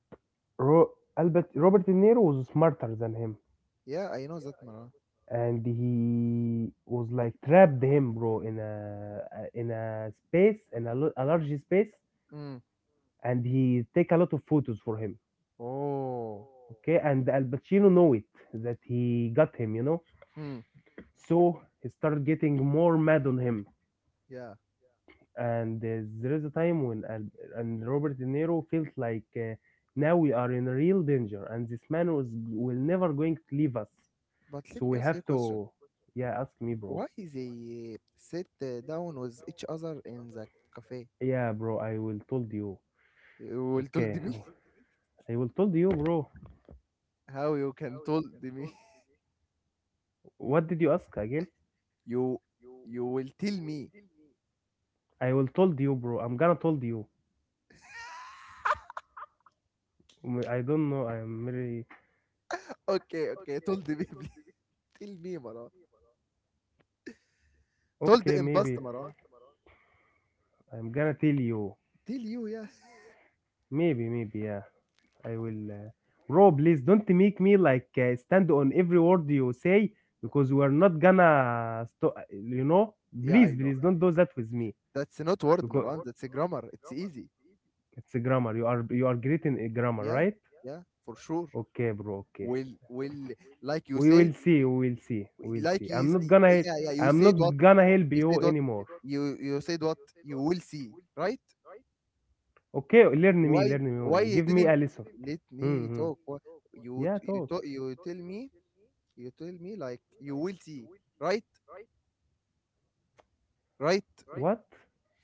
S2: Ro- Albert Robert De Niro was smarter than him
S1: yeah. I know that, Marwan.
S2: and he was like trapped him bro in a in a space in a, lo- a large space
S1: Mm.
S2: and he take a lot of photos for him.
S1: Oh.
S2: Okay, and Al Pacino know it, that he got him, you know.
S1: Hmm.
S2: So he started getting more mad on him
S1: Yeah.
S2: and uh, there is a time when al- and Robert De Niro felt like uh, now we are in real danger and this man was will never going to leave us,
S1: But
S2: so
S1: let
S2: we
S1: me ask
S2: have
S1: you a question.
S2: to. Yeah, ask me bro.
S1: Why they sit uh, down with each other in the cafe?
S2: Yeah bro, I will told you.
S1: You will told
S2: Okay,
S1: me.
S2: I will told you, bro.
S1: How you can told me?
S2: What did you ask again?
S1: You you will tell me.
S2: I will told you, bro. I'm gonna told you. I I don't know. I'm very
S1: Okay, okay, told me, please. Tell me, Maran. Told
S2: okay.
S1: in past,
S2: Maybe
S1: Maran.
S2: I'm gonna tell you.
S1: Tell you, yeah.
S2: Maybe, maybe, yeah. I will. Uh... Bro, please don't make me like uh, stand on every word you say, because we are not gonna. Sto- you know,
S1: Yeah, I
S2: please,
S1: know.
S2: please don't do that with me,
S1: That's not word,
S2: because
S1: Maran. That's a grammar. It's easy.
S2: it's a grammar. You are you are great in a grammar,
S1: Yeah,
S2: right?
S1: yeah, for sure.
S2: Okay, bro. Okay.
S1: Will will like you
S2: We will
S1: say,
S2: see, we will see, we will
S1: like
S2: see. I'm
S1: is,
S2: not gonna hel-
S1: yeah, yeah. You
S2: I'm
S1: said
S2: not
S1: what?
S2: gonna help
S1: You
S2: you
S1: said what?
S2: anymore.
S1: You you said what? You will see, right?
S2: Okay, learn me,
S1: Why
S2: learn me,
S1: why
S2: woman,
S1: you
S2: give me a
S1: didn't
S2: lesson.
S1: let me
S2: Mm-hmm.
S1: talk? Why- You
S2: Yeah,
S1: t- you
S2: talk.
S1: talk, you tell me you tell me like you will see, right, right.
S2: What?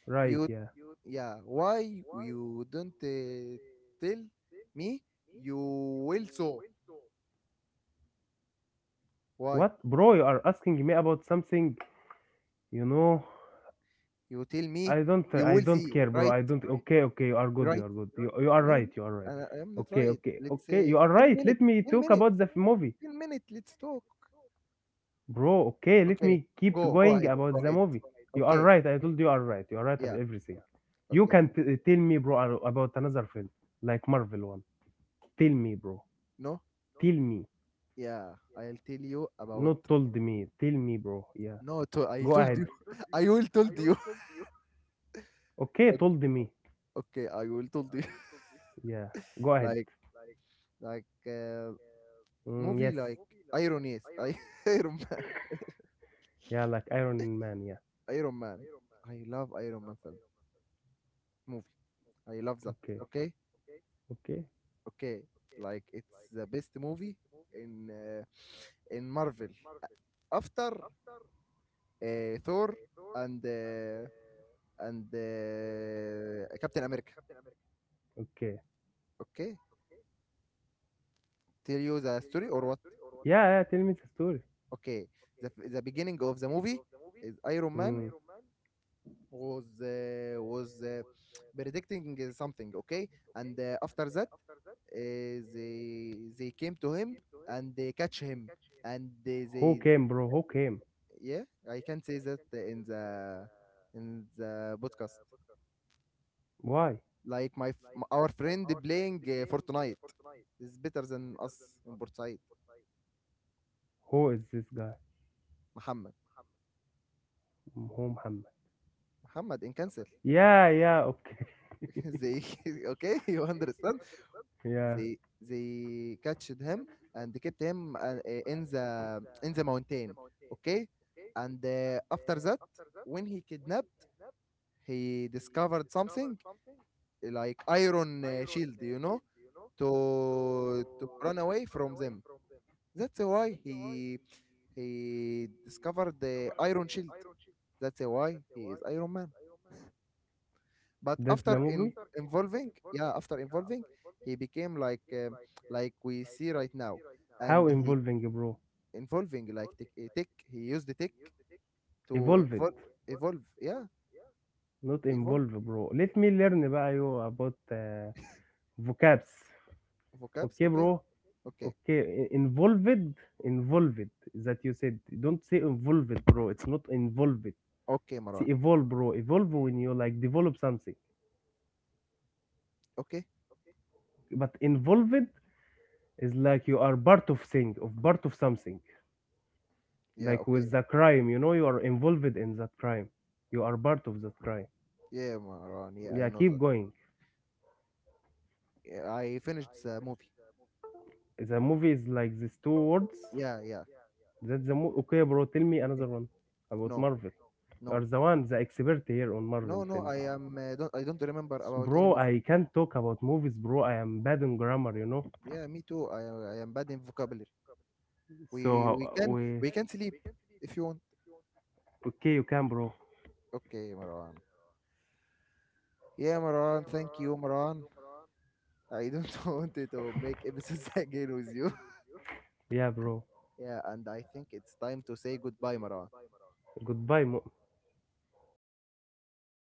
S2: Right,
S1: You,
S2: yeah.
S1: yeah, why you don't uh, tell me you will, so why
S2: What, bro? You are asking me about something, you know.
S1: you tell
S2: i
S1: me
S2: don't
S1: you
S2: i
S1: will
S2: don't
S1: see,
S2: care, bro.
S1: right,
S2: I don't. Okay, okay, you are good, you
S1: right.
S2: are good. You, you are
S1: No,
S2: right,
S1: no,
S2: you are right.
S1: I, I am not
S2: Okay,
S1: right,
S2: okay,
S1: let's
S2: okay, you
S1: say
S2: are
S1: ten
S2: right, let
S1: minutes,
S2: me
S1: ten
S2: talk
S1: minutes,
S2: about the f- movie.
S1: ten minutes, let's talk.
S2: Bro, okay, let
S1: Okay,
S2: me keep
S1: go, go
S2: going
S1: ahead, go
S2: about the
S1: ahead.
S2: movie. You are
S1: Okay,
S2: right. I told you are right. You are right of
S1: yeah,
S2: everything. You
S1: okay.
S2: can t- tell me, bro, ar- about another film like Marvel one. Tell me, bro.
S1: No,
S2: Tell me.
S1: yeah, I'll tell you about.
S2: Not told me. Tell me, bro. Yeah.
S1: No, to, I
S2: Go
S1: told
S2: ahead.
S1: you, I will told you.
S2: Okay, told me.
S1: Okay, I will told you.
S2: Yeah. Go ahead.
S1: like like uh,
S2: Mm, yes.
S1: movie like Iron, yes, I, Iron Man,
S2: Yeah, like Iron Man. Yeah.
S1: Iron Man. I love Iron Man film, movie. I love that.
S2: Okay.
S1: Okay,
S2: Okay.
S1: okay. Like it's the best movie in uh, in Marvel after uh, Thor and uh, and uh, Captain America.
S2: Okay.
S1: Okay, tell you the story or what?
S2: Yeah, yeah. Tell me the story.
S1: Okay, the the beginning of the movie is Iron Man,
S2: Mm.
S1: was uh, was uh, predicting uh, something, okay. And uh, after that, uh, they they came to him, and they catch him, and they,
S2: Who
S1: they
S2: came, bro? Who came?
S1: yeah, I can say that in the in the podcast,
S2: Why?
S1: like my f- m- our friend playing uh, Fortnite is better than us in Port Side.
S2: Who is this guy?
S1: Muhammad.
S2: Who Muhammad?
S1: Muhammad in Cancel.
S2: Yeah, yeah, okay.
S1: They, okay, you understand.
S2: Yeah,
S1: They they catched him and they kept him uh, in the in the mountain, okay? And uh, after that, when he kidnapped, he discovered something like iron uh, shield, you know, to to run away from them. That's why he he discovered the iron shield. That's why he is Iron Man. But
S2: that's the
S1: after
S2: movie.
S1: in involving, yeah, after involving, he became like um, like we see right now,
S2: How
S1: and he
S2: involving, bro?
S1: involving, like tech, eh, tech, he used the tech to
S2: Evolve it,
S1: involve. Evolve, yeah,
S2: not
S1: evolve.
S2: involve, bro. Let me learn بقى you about uh, vocabs.
S1: Vocabs,
S2: Okay,
S1: okay,
S2: bro.
S1: okay,
S2: Okay, i- involved, involved. That you said. Don't say involved, bro. It's not involved.
S1: okay,
S2: See,
S1: Maran.
S2: evolve, bro. Evolve when you like develop something.
S1: Okay,
S2: But involved is like you are part of thing, of part of something.
S1: yeah,
S2: Like with
S1: okay.
S2: the crime, you know, you are involved in that crime. You are part of that crime.
S1: Yeah, Maran, yeah, I
S2: Yeah,
S1: know
S2: keep
S1: that.
S2: going.
S1: Yeah, I finished the movie.
S2: The movie is like these two words.
S1: Yeah, yeah,
S2: That's the mo- okay, bro. Tell me
S1: okay.
S2: another one about
S1: No,
S2: Marvel. You are
S1: no,
S2: the one, the expert here on Marvel
S1: no, no,
S2: film,
S1: I am uh, don't I don't remember about any
S2: bro.
S1: movie.
S2: I can't talk about movies, bro. I am bad in grammar, you know.
S1: Yeah, me too. I I am bad in vocabulary.
S2: So
S1: We we
S2: uh,
S1: can
S2: we,
S1: we can sleep if you want.
S2: okay, you can, bro.
S1: Okay, Maran. Yeah, Maran, thank you, Maran. I don't want to make episodes again with you.
S2: Yeah, bro.
S1: Yeah, and I think it's time to say goodbye, Marwan.
S2: Goodbye, mo-